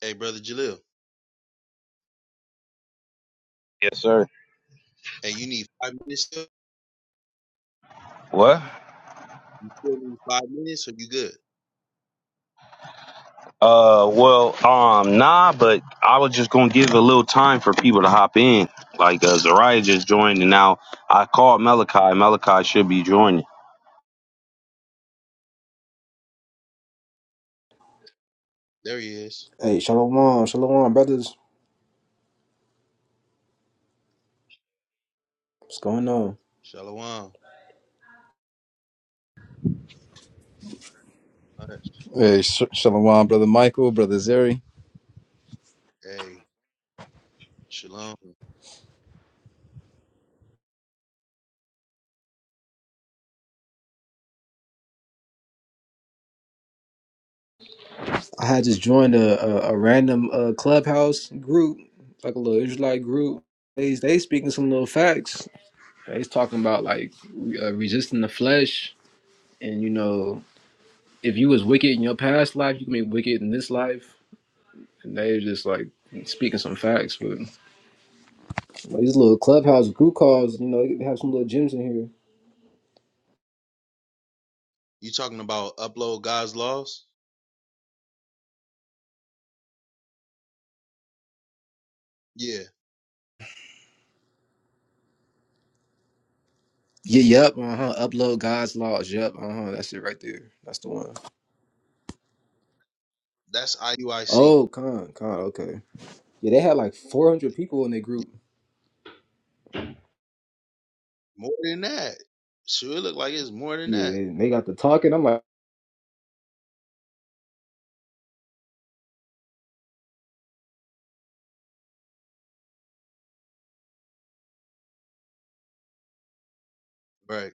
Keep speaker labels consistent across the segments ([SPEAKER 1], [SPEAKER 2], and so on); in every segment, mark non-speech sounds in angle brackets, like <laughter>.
[SPEAKER 1] Hey, brother Jalil.
[SPEAKER 2] Yes, sir.
[SPEAKER 1] Hey, you need five minutes? sir?
[SPEAKER 2] What?
[SPEAKER 1] You need Five minutes, or you good?
[SPEAKER 2] Uh, well, um, nah, but I was just gonna give a little time for people to hop in. Like uh, Zariah just joined, and now I called Malachi. Malachi should be joining.
[SPEAKER 1] There he is.
[SPEAKER 3] Hey, shalom, shalom, brothers. What's going on?
[SPEAKER 1] Shalom.
[SPEAKER 4] Hey, sh- shalom, brother Michael, brother Zeri.
[SPEAKER 1] Hey, shalom.
[SPEAKER 3] I had just joined a a, a random uh, clubhouse group, like a little Israelite group. They they speaking some little facts. They's talking about like uh, resisting the flesh, and you know, if you was wicked in your past life, you can be wicked in this life. And they just like speaking some facts, but like, these little clubhouse group calls, you know, they have some little gems in here.
[SPEAKER 1] You talking about upload God's laws? Yeah,
[SPEAKER 3] Yeah, yep, uh huh. Upload God's laws, yep, uh huh. That's it right there. That's the one.
[SPEAKER 1] that's IUIC.
[SPEAKER 3] Oh, con, con, okay. Yeah, they had like 400 people in their
[SPEAKER 1] Yeah,
[SPEAKER 3] group.
[SPEAKER 1] More than that. Sure, it looked like it's more than
[SPEAKER 3] Yeah,
[SPEAKER 1] that.
[SPEAKER 3] they, they got to talking. I'm like,
[SPEAKER 1] Right.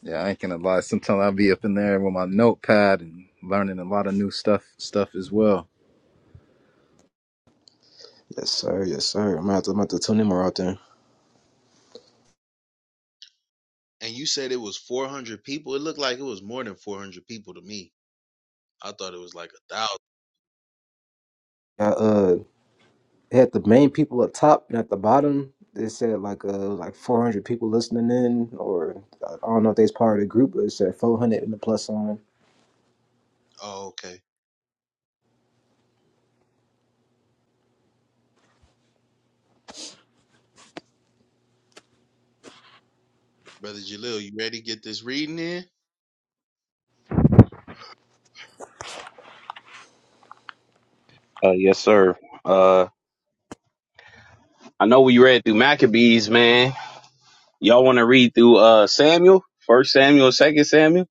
[SPEAKER 4] Yeah, I ain't gonna lie. Sometimes I'll be up in there with my notepad and learning a lot of new stuff, stuff as well.
[SPEAKER 3] yes sir, yes sir. I'm about to, I'm about to tune them out there.
[SPEAKER 1] And you said it was 400 people. It looked like it was more than 400 people to me. I thought it was like a thousand.
[SPEAKER 3] I, uh, had the main people up top and at the bottom. They said like uh like 400 people listening in, or I don't know if they's part of the group, but it said 400 in the plus sign.
[SPEAKER 1] Oh, okay. Brother Jalil, you ready to get this reading in?
[SPEAKER 2] Uh, yes, sir. Uh, I know we read through Maccabees, man. Y'all want to read through uh Samuel, First Samuel, Second Samuel?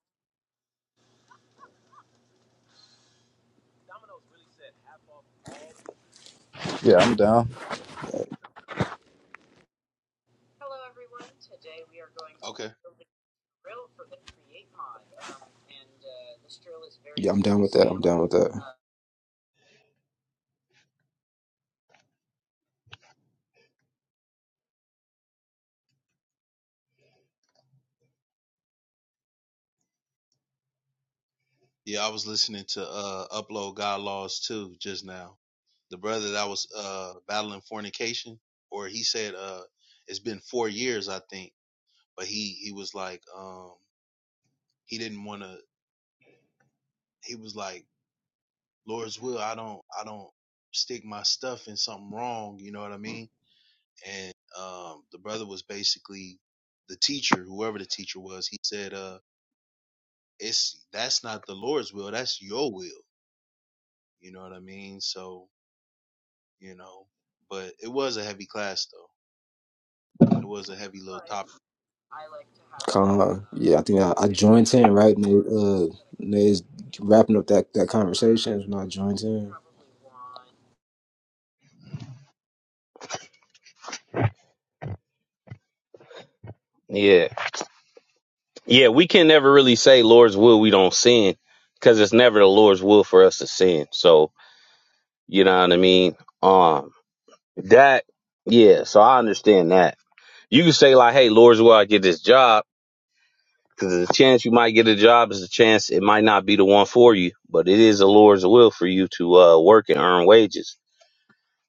[SPEAKER 4] Yeah, I'm down.
[SPEAKER 1] Okay.
[SPEAKER 3] Yeah, I'm down with that. I'm down with that.
[SPEAKER 1] Yeah, I was listening to uh Upload God Laws too just now. The brother that was uh battling fornication, or he said uh it's been four years, I think, but he he was like um he didn't wanna he was like, Lord's will, I don't I don't stick my stuff in something wrong, you know what I mean? And um the brother was basically the teacher, whoever the teacher was, he said uh it's that's not the Lord's will, that's your will. You know what I mean? So you know. But it was a heavy class though. It was a heavy little topic.
[SPEAKER 3] Con, yeah, I think I, I joined in right when uh Nate's wrapping up that that conversation when I joined in.
[SPEAKER 1] Mm.
[SPEAKER 2] Yeah, yeah. We can never really say Lord's will we don't sin, because it's never the Lord's will for us to sin. So you know what I mean. Um, That, yeah. So I understand that. You can say like, "Hey, Lord's will I get this job?" Because there's a chance you might get a job. is a chance it might not be the one for you, but it is the Lord's will for you to uh, work and earn wages.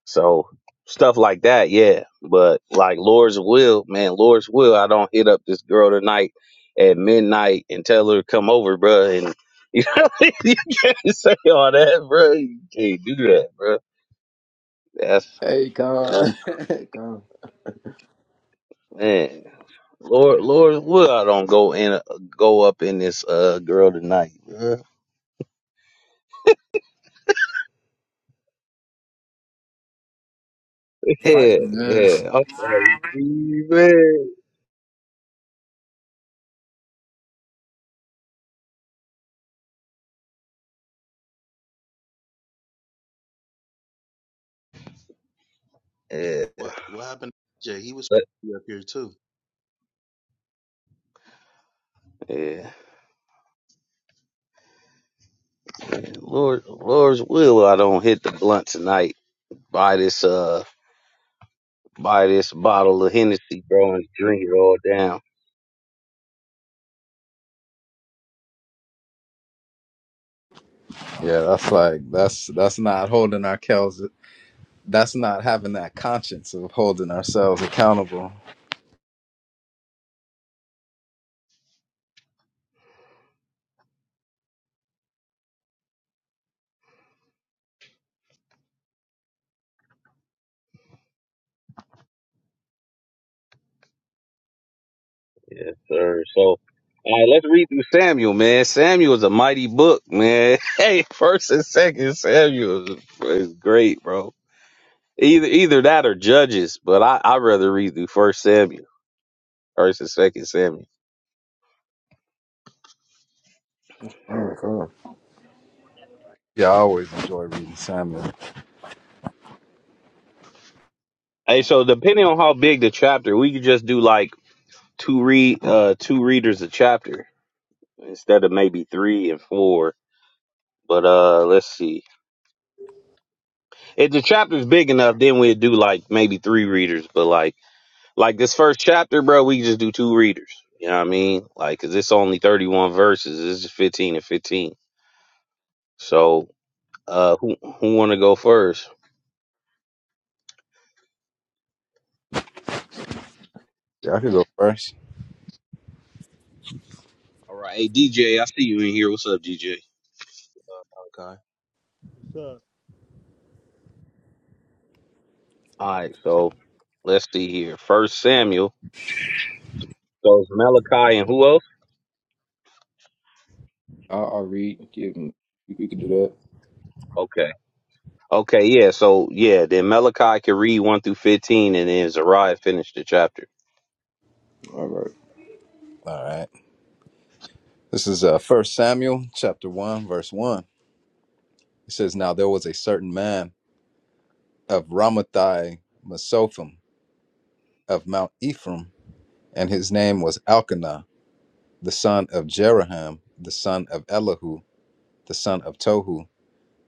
[SPEAKER 2] So stuff like that, yeah. But like Lord's will, man, Lord's will. I don't hit up this girl tonight at midnight and tell her to come over, bruh. And <laughs> you know, you can't say all that, bruh. You can't do that, bruh. That's
[SPEAKER 3] Hey, Con. <laughs> Con.
[SPEAKER 2] man. Lord, Lord, would I don't go in, go up in this uh girl tonight, bruh. <laughs> Yeah,
[SPEAKER 3] Fighting Man.
[SPEAKER 2] yeah. I'm like, man. Yeah,
[SPEAKER 1] What what happened to Jay? He was
[SPEAKER 2] but-
[SPEAKER 1] up here too.
[SPEAKER 2] yeah. Lord, Lord's will, I don't hit the blunt tonight. Buy this, uh, buy this bottle of Hennessy, bro, and drink it all down.
[SPEAKER 4] Yeah, that's like that's that's not holding our cows. That's not having that conscience of holding ourselves accountable.
[SPEAKER 2] Yes, sir. So, all right, let's read through Samuel, man. Samuel is a mighty book, man. <laughs> Hey, first and second Samuel is is great, bro. Either either that or Judges, but I I rather read through First Samuel versus Second Samuel.
[SPEAKER 3] All right, Con.
[SPEAKER 4] Yeah, I always enjoy reading Samuel.
[SPEAKER 2] Hey, so depending on how big the chapter, we could just do like two read uh two readers a chapter instead of maybe three and four. But uh, let's see. If the chapter's big enough, then we'd do like maybe three readers. But like like this first chapter, bro, we just do two readers. You know what I mean? Like, 'cause it's only thirty one verses. It's is fifteen and fifteen. So uh, who who want to go first?
[SPEAKER 4] Yeah, I could go first.
[SPEAKER 2] All right. Hey, DJ, I see you in here. What's up, DJ?
[SPEAKER 1] Okay.
[SPEAKER 5] What's up?
[SPEAKER 2] All right. So let's see here. First Samuel. So it's Malachi and who else?
[SPEAKER 3] I'll, I'll read. Give him. We, we can do that.
[SPEAKER 2] Okay. Okay. Yeah. So, yeah, then Malachi can read 1 through 15, and then Zariah finished the chapter.
[SPEAKER 3] All right,
[SPEAKER 4] All right. This is uh First Samuel chapter one, verse one. It says, "Now there was a certain man of Ramathai Mesophim of Mount Ephraim." and his name was Elkanah, the son of Jeraham, the son of Elihu, the son of Tohu,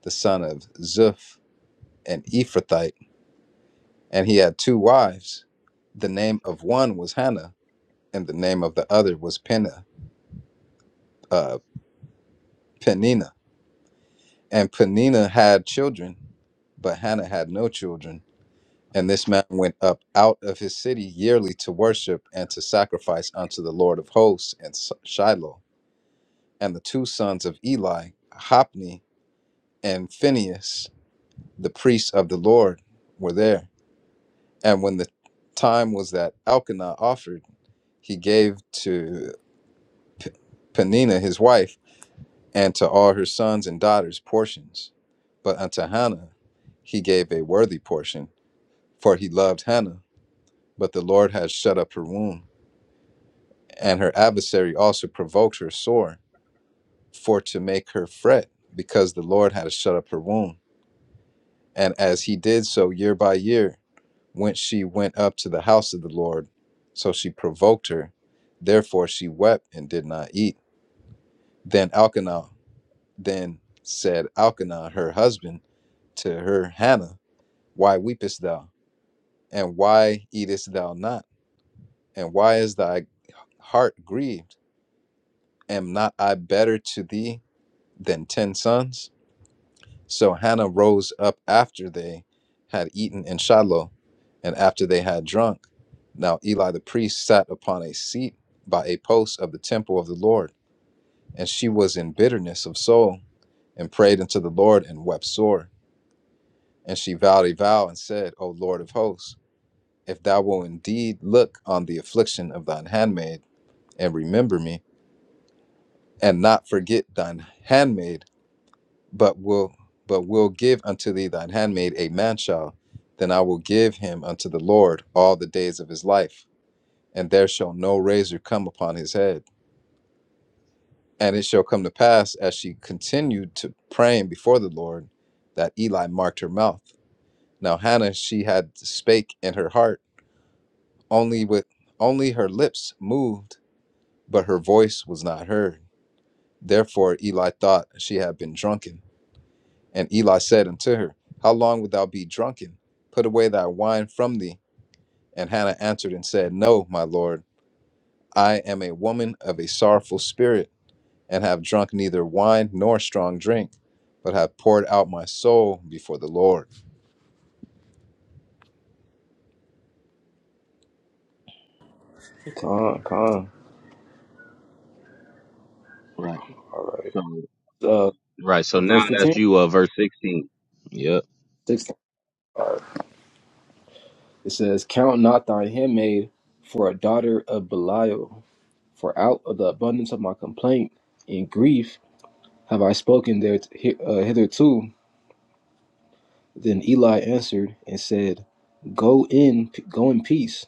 [SPEAKER 4] the son of Zuph, an Ephrathite. And he had two wives. The name of one was Hannah, and the name of the other was Penah, uh, Penina. And Penina had children, but Hannah had no children. And this man went up out of his city yearly to worship and to sacrifice unto the Lord of hosts in Shiloh. And the two sons of Eli, Hophni. and Phinehas, the priest of the Lord, were there. And when the time was that Elkanah offered, he gave to P- Penina his wife and to all her sons and daughters portions. But unto Hannah he gave a worthy portion, for he loved Hannah. But the Lord had shut up her womb, and her adversary also provoked her sore, for to make her fret, because the Lord had shut up her womb. And as he did so year by year, whence she went up to the house of the Lord. So she provoked her. Therefore she wept and did not eat. Then Elkanah then said Elkanah her husband to her Hannah, Why weepest thou? And why eatest thou not? And why is thy heart grieved? Am not I better to thee than ten sons? So Hannah rose up after they had eaten in Shiloh, and after they had drunk. Now Eli the priest sat upon a seat by a post of the temple of the Lord, and she was in bitterness of soul, and prayed unto the Lord, and wept sore. And she vowed a vow and said, O Lord of hosts, if thou wilt indeed look on the affliction of thine handmaid, and remember me, and not forget thine handmaid, but will but will give unto thee thine handmaid a man child then i will give him unto the lord all the days of his life and there shall no razor come upon his head and it shall come to pass as she continued to praying before the lord that eli marked her mouth now hannah she had spake in her heart only with only her lips moved but her voice was not heard therefore eli thought she had been drunken And Eli said unto her, How long wilt thou be drunken? Put away thy wine from thee. And Hannah answered and said, No, my lord, I am a woman of a sorrowful spirit, and have drunk neither wine nor strong drink, but have poured out my soul before the Lord.
[SPEAKER 3] Con, Con.
[SPEAKER 2] Right.
[SPEAKER 3] All right.
[SPEAKER 2] So,
[SPEAKER 3] Uh,
[SPEAKER 2] right. So
[SPEAKER 3] what verse
[SPEAKER 2] now that's
[SPEAKER 3] 15?
[SPEAKER 2] you, uh, verse 16. Yep.
[SPEAKER 3] 16. It says, "Count not thy handmaid for a daughter of Belial, for out of the abundance of my complaint and grief have I spoken there uh, hitherto. Then Eli answered and said, Go in, go in peace,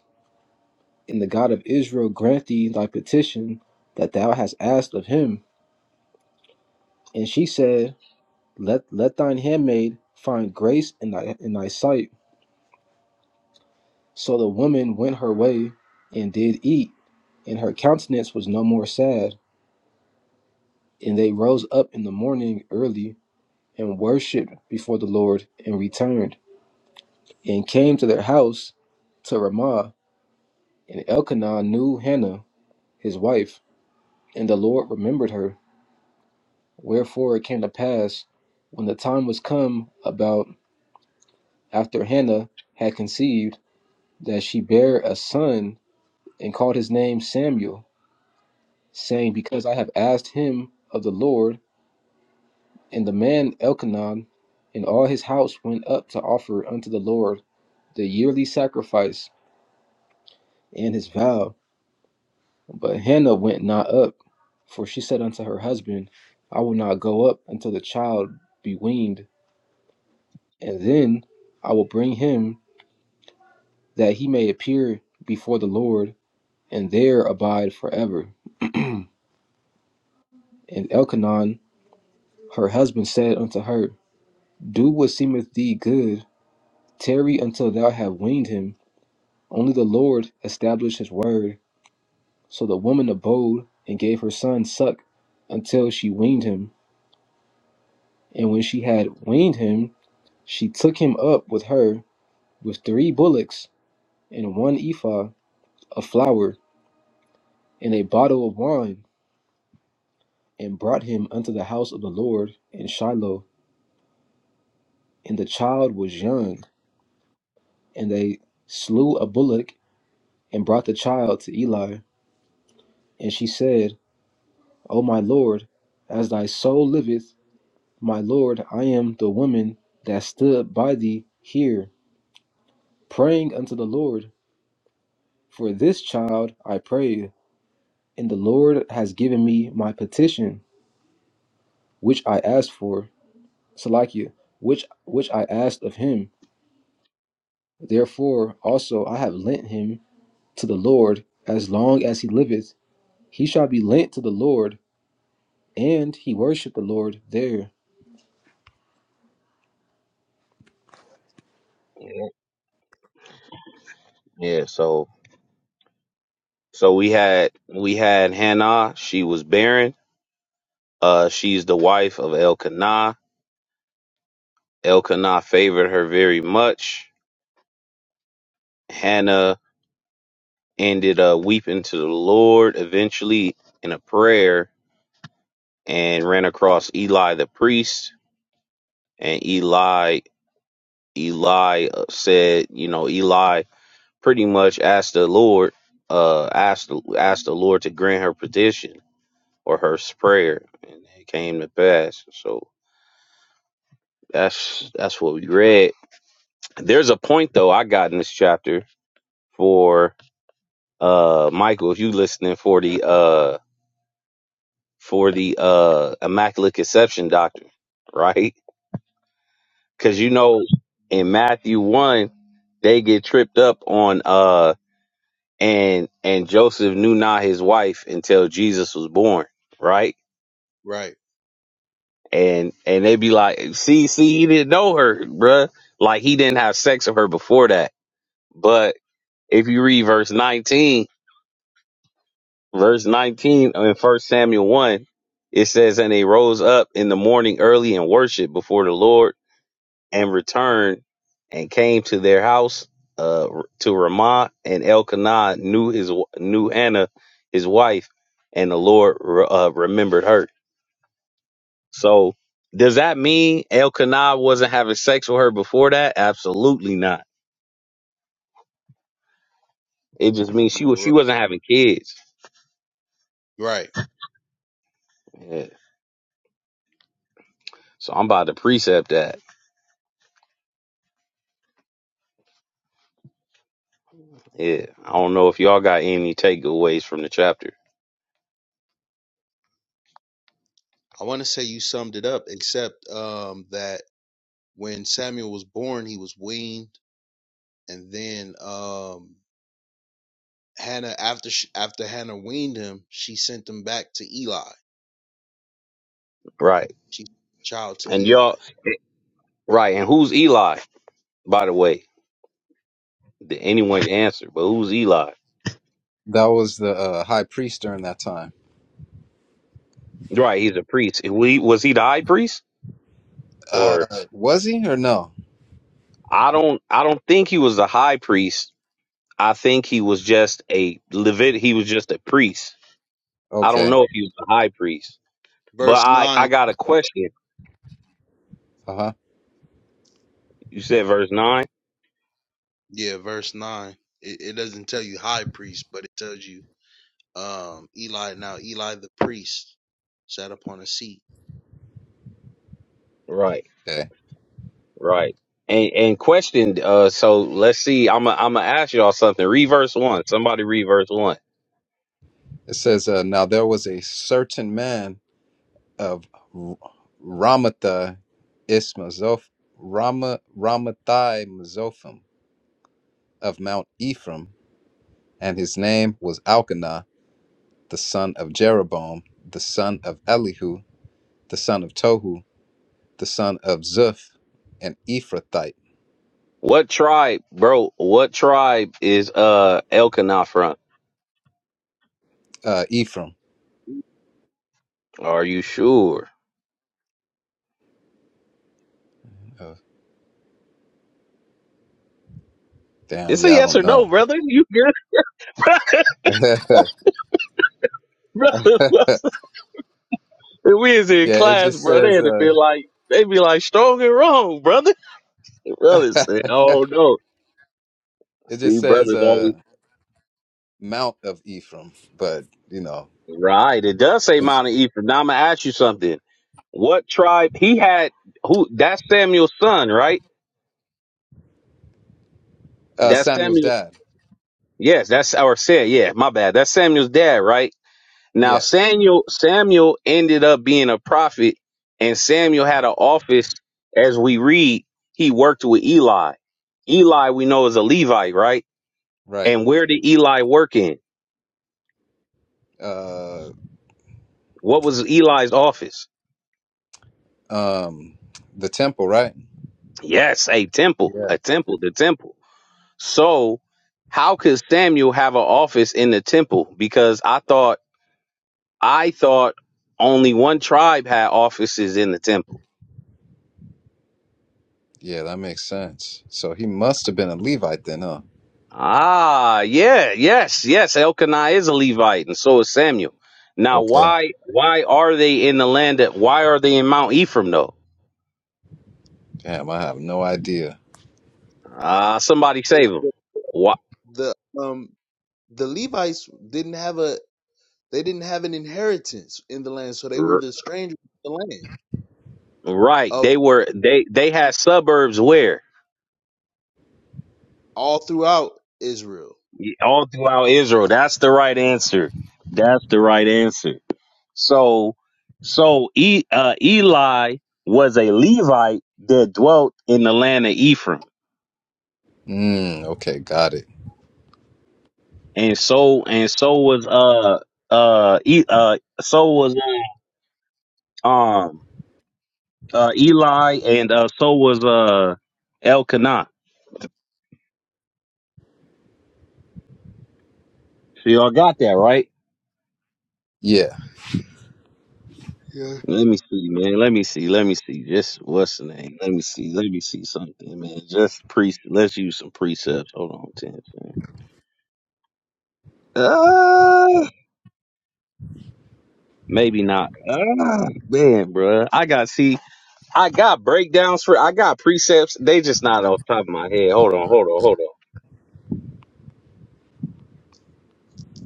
[SPEAKER 3] and the God of Israel grant thee thy petition that thou hast asked of him. And she said, Let let thine handmaid find grace in thy in thy sight. So the woman went her way and did eat, and her countenance was no more sad. And they rose up in the morning early and worshipped before the Lord and returned and came to their house to Ramah. And Elkanah knew Hannah his wife And the Lord remembered her. Wherefore it came to pass, when the time was come about after Hannah had conceived, that she bare a son, and called his name Samuel, saying, Because I have asked him of the Lord. And the man Elkanan and all his house went up to offer unto the Lord the yearly sacrifice and his vow. But Hannah went not up, for she said unto her husband, I will not go up until the child be weaned. And then I will bring him that he may appear before the Lord, and there abide forever. <clears throat> and Elkanon, her husband, said unto her, Do what seemeth thee good, tarry until thou have weaned him. Only the Lord established his word. So the woman abode and gave her son suck until she weaned him. And when she had weaned him, she took him up with her with three bullocks and one ephah of flour and a bottle of wine and brought him unto the house of the Lord in Shiloh. And the child was young, and they slew a bullock and brought the child to Eli. And she said, O my Lord, as thy soul liveth, my Lord, I am the woman that stood by thee here, praying unto the Lord. For this child I prayed, and the Lord has given me my petition, which I asked for, Salakia, which which I asked of him. Therefore also I have lent him to the Lord as long as he liveth. He shall be lent to the Lord, and he worshipped the Lord there.
[SPEAKER 2] Yep. Yeah. So, so we had, we had Hannah. She was barren. Uh, she's the wife of Elkanah. Elkanah favored her very much. Hannah ended up weeping to the Lord eventually in a prayer and ran across Eli the priest. And Eli, Eli uh, said, you know, Eli pretty much asked the Lord, uh, asked asked the Lord to grant her petition or her prayer, and it came to pass. So that's that's what we read. There's a point though I got in this chapter for uh Michael, if you listening for the uh for the uh immaculate conception doctrine, right? Because
[SPEAKER 1] Right.
[SPEAKER 2] you know in Matthew one, they get tripped up on uh and and Joseph knew not his wife until Jesus was born, right?
[SPEAKER 1] Right.
[SPEAKER 2] And and they be like, see, see, he didn't know her, bruh. Like he didn't have sex with her before that. But if you read verse nineteen, verse nineteen in First Samuel one, it says, and they rose up in the morning early and worshiped before the Lord and returned and came to their house uh, to Ramah, and Elkanah knew his knew Anna, his wife, and the Lord uh, remembered her. So, does that mean Elkanah wasn't having sex with her before that? Absolutely not. It just means she was she
[SPEAKER 1] Right.
[SPEAKER 2] wasn't having kids.
[SPEAKER 1] Right.
[SPEAKER 2] Yeah. So I'm about to precept that. Yeah. I don't know if y'all got any takeaways from the chapter.
[SPEAKER 1] I want to say you summed it up, except um that when Samuel was born, he was weaned, and then um Hannah after sh after Hannah weaned him, she sent him back to Eli.
[SPEAKER 2] Right.
[SPEAKER 1] She sent the child to
[SPEAKER 2] And
[SPEAKER 1] Eli.
[SPEAKER 2] y'all right. And who's Eli? By the way, did anyone answer? But who's Eli?
[SPEAKER 4] That was the uh, high priest during that time.
[SPEAKER 2] Right, he's a priest. We was he the high priest?
[SPEAKER 4] Uh,
[SPEAKER 2] Or
[SPEAKER 4] was he or no?
[SPEAKER 2] I don't I don't think he was the high priest. I think he was just a Levit he was just a priest. I don't
[SPEAKER 4] Okay.
[SPEAKER 2] know if he was the high priest. But
[SPEAKER 1] Verse
[SPEAKER 2] I
[SPEAKER 1] nine.
[SPEAKER 2] I got a question.
[SPEAKER 4] Uh huh.
[SPEAKER 2] You said verse 9?
[SPEAKER 1] Yeah, verse nine. It, it doesn't tell you high priest, but it tells you Um, Eli now Eli the priest sat upon a seat.
[SPEAKER 2] Right.
[SPEAKER 4] Okay.
[SPEAKER 2] Right. And and question uh so let's see I'm i I'm gonna ask y'all something. Read verse 1. Somebody read verse 1.
[SPEAKER 4] It says, uh, Now there was a certain man of R- Ramatha Ismazoph Rama Ramathai Mazophim of Mount Ephraim, and his name was Elkanah, the son of Jeroboam, the son of Elihu, the son of Tohu, the son of Zuph, an Ephrathite,
[SPEAKER 2] What tribe, bro? What tribe is uh Elkanah from?
[SPEAKER 4] uh, Ephraim.
[SPEAKER 2] Are you sure?
[SPEAKER 4] Oh, damn,
[SPEAKER 2] It's a
[SPEAKER 4] yeah, I
[SPEAKER 2] yes
[SPEAKER 4] don't
[SPEAKER 2] or no,
[SPEAKER 4] know.
[SPEAKER 2] brother. You good?
[SPEAKER 4] <laughs> yeah,
[SPEAKER 2] brother, brother. If we was in
[SPEAKER 4] it
[SPEAKER 2] class,
[SPEAKER 4] just
[SPEAKER 2] bro, they
[SPEAKER 4] says
[SPEAKER 2] had to
[SPEAKER 4] uh,
[SPEAKER 2] be like, they be like strong and wrong, brother. Brother said,
[SPEAKER 4] <laughs>
[SPEAKER 2] oh no.
[SPEAKER 4] it
[SPEAKER 2] See,
[SPEAKER 4] just says
[SPEAKER 2] brothers
[SPEAKER 4] uh,
[SPEAKER 2] always
[SPEAKER 4] Mount of Ephraim, but you know,
[SPEAKER 2] right. It does say Mount of Ephraim. Now I'm gonna ask you something. What tribe he had? Who? That's Samuel's son, right?
[SPEAKER 4] uh,
[SPEAKER 2] That's
[SPEAKER 4] Samuel's
[SPEAKER 2] Samuel.
[SPEAKER 4] dad.
[SPEAKER 2] Yes, that's our said. Yeah, my bad. That's Samuel's dad, right? Now
[SPEAKER 4] Yeah,
[SPEAKER 2] Samuel Samuel ended up being a prophet, and Samuel had an office. As we read, he worked with Eli. Eli, we know, is a Levite, right?
[SPEAKER 4] right.
[SPEAKER 2] And where did Eli work in?
[SPEAKER 4] uh
[SPEAKER 2] What was Eli's office?
[SPEAKER 4] um the temple, right?
[SPEAKER 2] Yes, a temple,
[SPEAKER 4] Yeah.
[SPEAKER 2] a temple, the temple. So, how could Samuel have an office in the temple? Because I thought I thought only one tribe had offices in the temple.
[SPEAKER 4] Yeah, that makes sense. So he must have been a Levite then, huh?
[SPEAKER 2] Ah, yeah, yes, yes. Elkanah is a Levite, and so is Samuel. Now,
[SPEAKER 4] Okay.
[SPEAKER 2] why why are they in the land? That, why are they in Mount Ephraim though?
[SPEAKER 4] Damn, I have no idea.
[SPEAKER 2] Ah, somebody save them. Why,
[SPEAKER 1] The um the Levites didn't have a they didn't have an inheritance in the land, so they were
[SPEAKER 2] r-
[SPEAKER 1] the strangers in the land
[SPEAKER 2] right? They
[SPEAKER 1] of
[SPEAKER 2] were they they had suburbs where
[SPEAKER 1] all throughout Israel.
[SPEAKER 2] all throughout Israel. That's the right answer. That's the right answer. So so e, uh, Eli was a Levite that dwelt in the land of Ephraim.
[SPEAKER 4] Mm, okay, got it.
[SPEAKER 2] and so and so was uh uh e- uh so was um uh Eli and uh so was uh Elkanah. So y'all got that right?
[SPEAKER 4] Yeah.
[SPEAKER 1] Yeah.
[SPEAKER 2] Let me see, man. Let me see. Let me see. Just what's the name? Let me see. Let me see something, man. Just pre. Let's use some precepts. Hold on, ten. man. Uh, maybe not. Ah, man, bruh. I got see. I got breakdowns for. I got precepts. They just not off the top of my head. Hold on. Hold on. Hold on.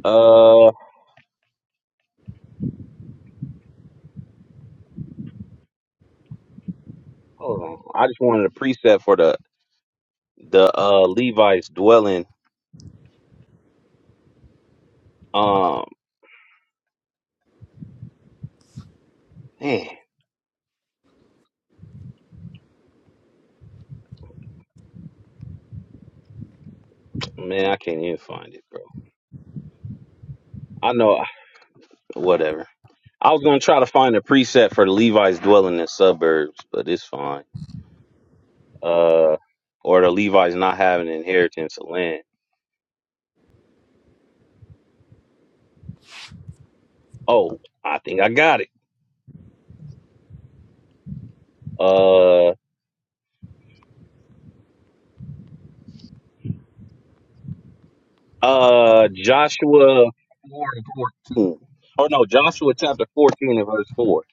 [SPEAKER 2] Uh, Hold on. I just wanted a preset for the the uh Levi's dwelling. Um man, man, I can't even find it, bro. I know <sighs> whatever. I was gonna try to find a preset for the Levi's dwelling in suburbs, but it's fine. Uh or the Levi's not having inheritance of land. Oh, I think I got it. Uh uh Joshua four and fourteen. Or no, Joshua chapter fourteen and verse four.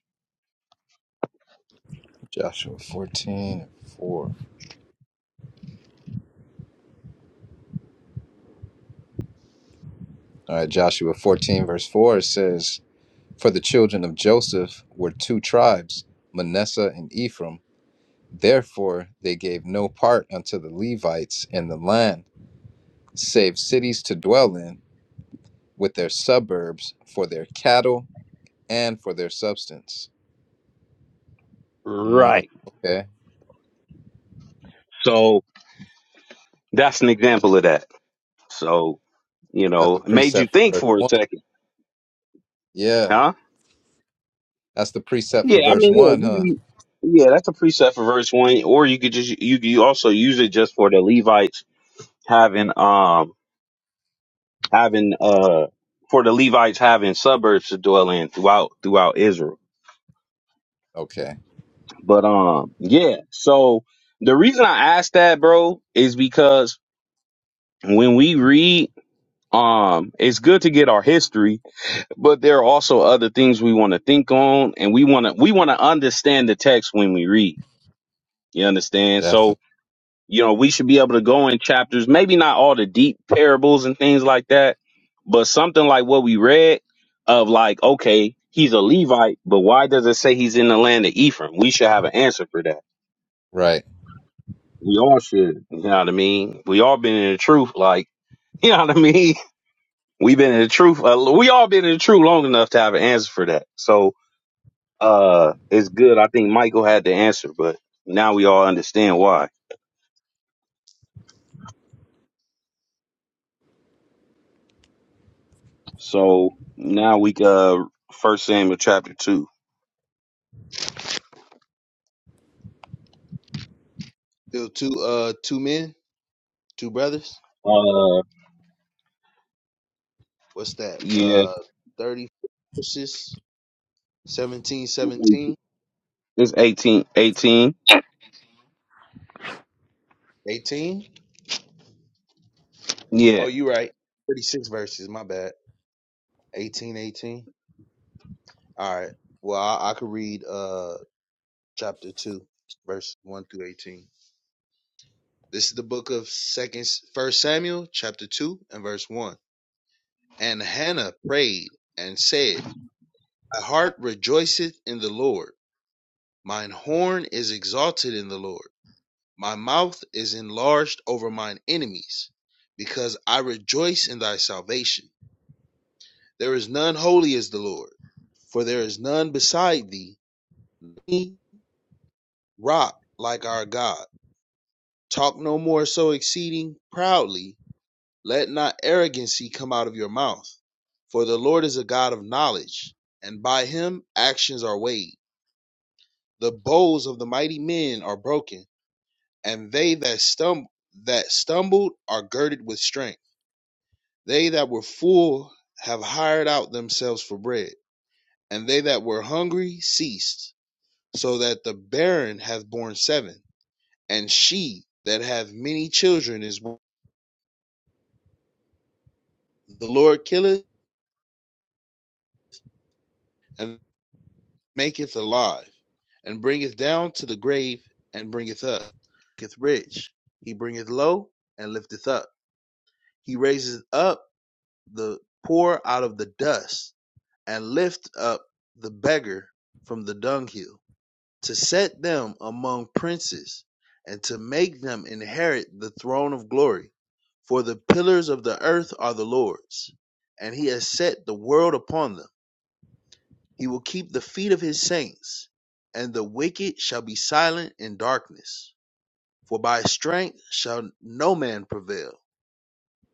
[SPEAKER 4] Joshua 14 4. All right, Joshua 14, verse 4, it says, For the children of Joseph were two tribes, Manasseh and Ephraim. Therefore, they gave no part unto the Levites in the land, save cities to dwell in, with their suburbs for their cattle and for their substance. Mm,
[SPEAKER 2] Right.
[SPEAKER 4] okay.
[SPEAKER 2] So that's an example of that. So You
[SPEAKER 4] That's
[SPEAKER 2] know,
[SPEAKER 4] the
[SPEAKER 2] it made you
[SPEAKER 4] precept
[SPEAKER 2] think
[SPEAKER 4] for verse
[SPEAKER 2] for a
[SPEAKER 4] one.
[SPEAKER 2] second,
[SPEAKER 4] Yeah.
[SPEAKER 2] huh?
[SPEAKER 4] That's the precept for
[SPEAKER 2] Yeah, I
[SPEAKER 4] verse
[SPEAKER 2] mean,
[SPEAKER 4] one,
[SPEAKER 2] yeah, you
[SPEAKER 4] huh?
[SPEAKER 2] can. Yeah, that's a preset for verse one, or you could just you you also use it just for the Levites having um having uh for the Levites having suburbs to dwell in throughout throughout Israel.
[SPEAKER 4] Okay.
[SPEAKER 2] But um yeah, so the reason I asked that, bro, is because when we read um it's good to get our history but there are also other things we want to think on and we want to we want to understand the text when we read You understand? So,
[SPEAKER 4] Definitely.
[SPEAKER 2] you know, we should be able to go in chapters, maybe not all the deep parables and things like that, but something like what we read of like, okay, he's a Levite, but why does it say he's in the land of Ephraim? We should have an answer for that.
[SPEAKER 4] Right.
[SPEAKER 2] We all should. You know what I mean? We all been in the truth, like, <laughs> you know what I mean? We've been in the truth. Uh, we all been in the truth long enough to have an answer for that. So, uh, it's good. I think Michael had the answer, but now we all understand why. So now we uh First Samuel chapter two.
[SPEAKER 1] There were two uh two men, two brothers.
[SPEAKER 2] Uh
[SPEAKER 1] What's that?
[SPEAKER 2] yeah,
[SPEAKER 1] Uh thirty verses, seventeen, seventeen,
[SPEAKER 2] it's eighteen, eighteen.
[SPEAKER 1] eighteen.
[SPEAKER 2] Yeah,
[SPEAKER 1] Oh, you right. Thirty six verses, my bad. 18, 18. All right. Well, I, I could read. uh. chapter 2, verse 1 through 18. This is the book of second first Samuel, chapter 2, and verse 1. And Hannah prayed and said, My heart rejoiceth in the Lord, mine horn is exalted in the Lord, my mouth is enlarged over mine enemies, because I rejoice in thy salvation. There is none holy as the Lord, for there is none beside thee, rock like our God. Talk no more so exceeding proudly, Let not arrogancy come out of your mouth, for the Lord is a God of knowledge, and by him actions are weighed. The bows of the mighty men are broken, and they that stumble that stumbled are girded with strength. They that were full have hired out themselves for bread, and they that were hungry ceased, so that the barren hath borne seven, and she that hath many children is one. The Lord killeth, and maketh alive, and bringeth down to the grave, and bringeth up. He maketh rich, he bringeth low, and lifteth up. He raiseth up the poor out of the dust, and lift up the beggar from the dunghill, to set them among princes, and to make them inherit the throne of glory. For the pillars of the earth are the Lord's, and he has set the world upon them. He will keep the feet of his saints, and the wicked shall be silent in darkness. For by strength shall no man prevail.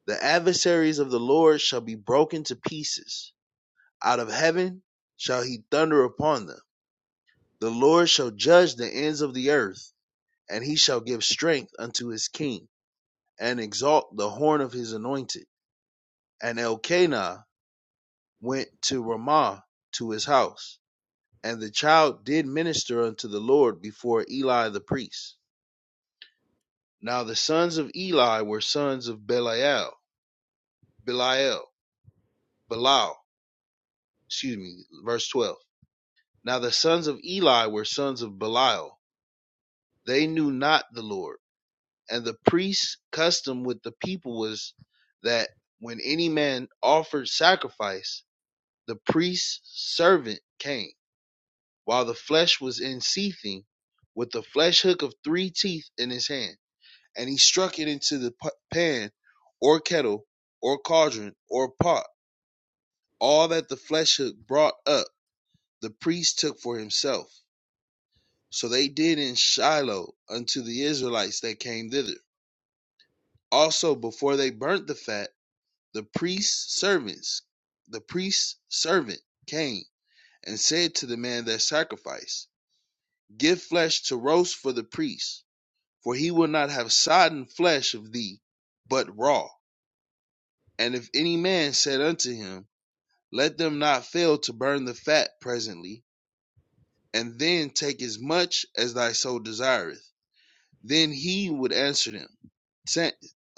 [SPEAKER 1] The adversaries of the Lord shall be broken to pieces. Out of heaven shall he thunder upon them. The Lord shall judge the ends of the earth, and he shall give strength unto his king, and exalt the horn of his anointed. And Elkanah went to Ramah to his house. And the child did minister unto the Lord before Eli the priest. Now the sons of Eli were sons of Belial, Belial, Belial, excuse me, verse 12. Now the sons of Eli were sons of Belial. They knew not the Lord. And the priest's custom with the people was that when any man offered sacrifice, the priest's servant came, while the flesh was in seething, with a flesh hook of three teeth in his hand and he struck it into the pan or kettle or cauldron or pot. All that the flesh hook brought up, the priest took for himself. So they did in Shiloh unto the Israelites that came thither. Also, before they burnt the fat, the priest's servants, the priest's servant came and said to the man that sacrificed, Give flesh to roast for the priest, for he will not have sodden flesh of thee, but raw. And if any man said unto him, Let them not fail to burn the fat presently, and then take as much as thy soul desireth, then he would answer them,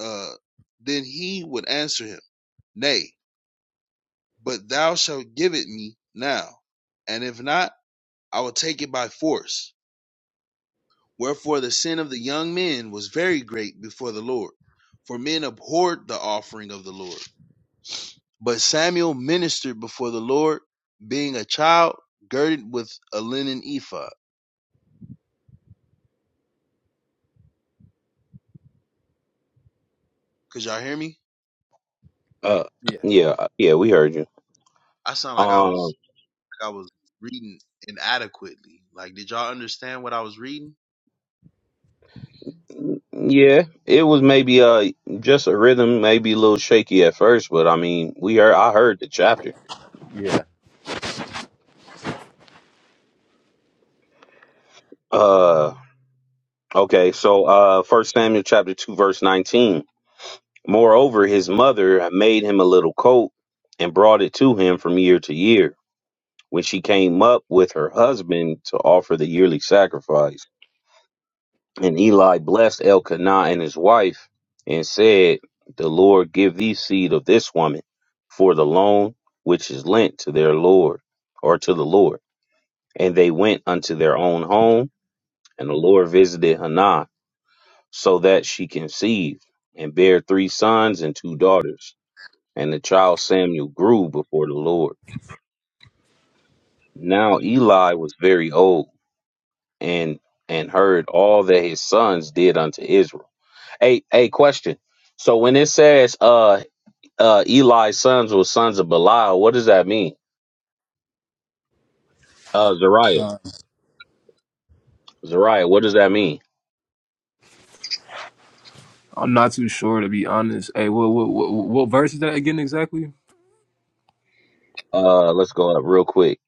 [SPEAKER 1] uh, then he would answer him, Nay, but thou shalt give it me now, and if not, I will take it by force. Wherefore the sin of the young men was very great before the Lord, for men abhorred the offering of the Lord. But Samuel ministered before the Lord, being a child, girded with a linen ephod. Could y'all hear me?
[SPEAKER 2] uh,
[SPEAKER 4] Yeah.
[SPEAKER 2] yeah, uh, yeah. We heard you.
[SPEAKER 1] I sound like I
[SPEAKER 2] Um,
[SPEAKER 1] was like I was reading inadequately. Like, did y'all understand what I was reading?
[SPEAKER 2] yeah, it was maybe uh just a rhythm, maybe a little shaky at first, but I mean, we heard I heard the chapter.
[SPEAKER 4] Yeah.
[SPEAKER 2] Uh, okay, so uh, First Samuel chapter two, verse nineteen. Moreover, his mother made him a little coat and brought it to him from year to year. when she came up with her husband to offer the yearly sacrifice. And Eli blessed Elkanah and his wife and said, The Lord give thee seed of this woman for the loan which is lent to their Lord or to the Lord. And they went unto their own home, and the Lord visited Hannah so that she conceived and bare three sons and two daughters. And the child Samuel grew before the Lord. Now Eli was very old and and heard all that his sons did unto Israel. Hey, hey, question. So when it says uh uh Eli's sons were sons of Belial, what does that mean? Uh Zariah.
[SPEAKER 4] Uh,
[SPEAKER 2] Zariah, what does that mean?
[SPEAKER 3] I'm not too sure to be honest. Hey, what what what, what verse is that again exactly?
[SPEAKER 2] Uh let's go up real quick.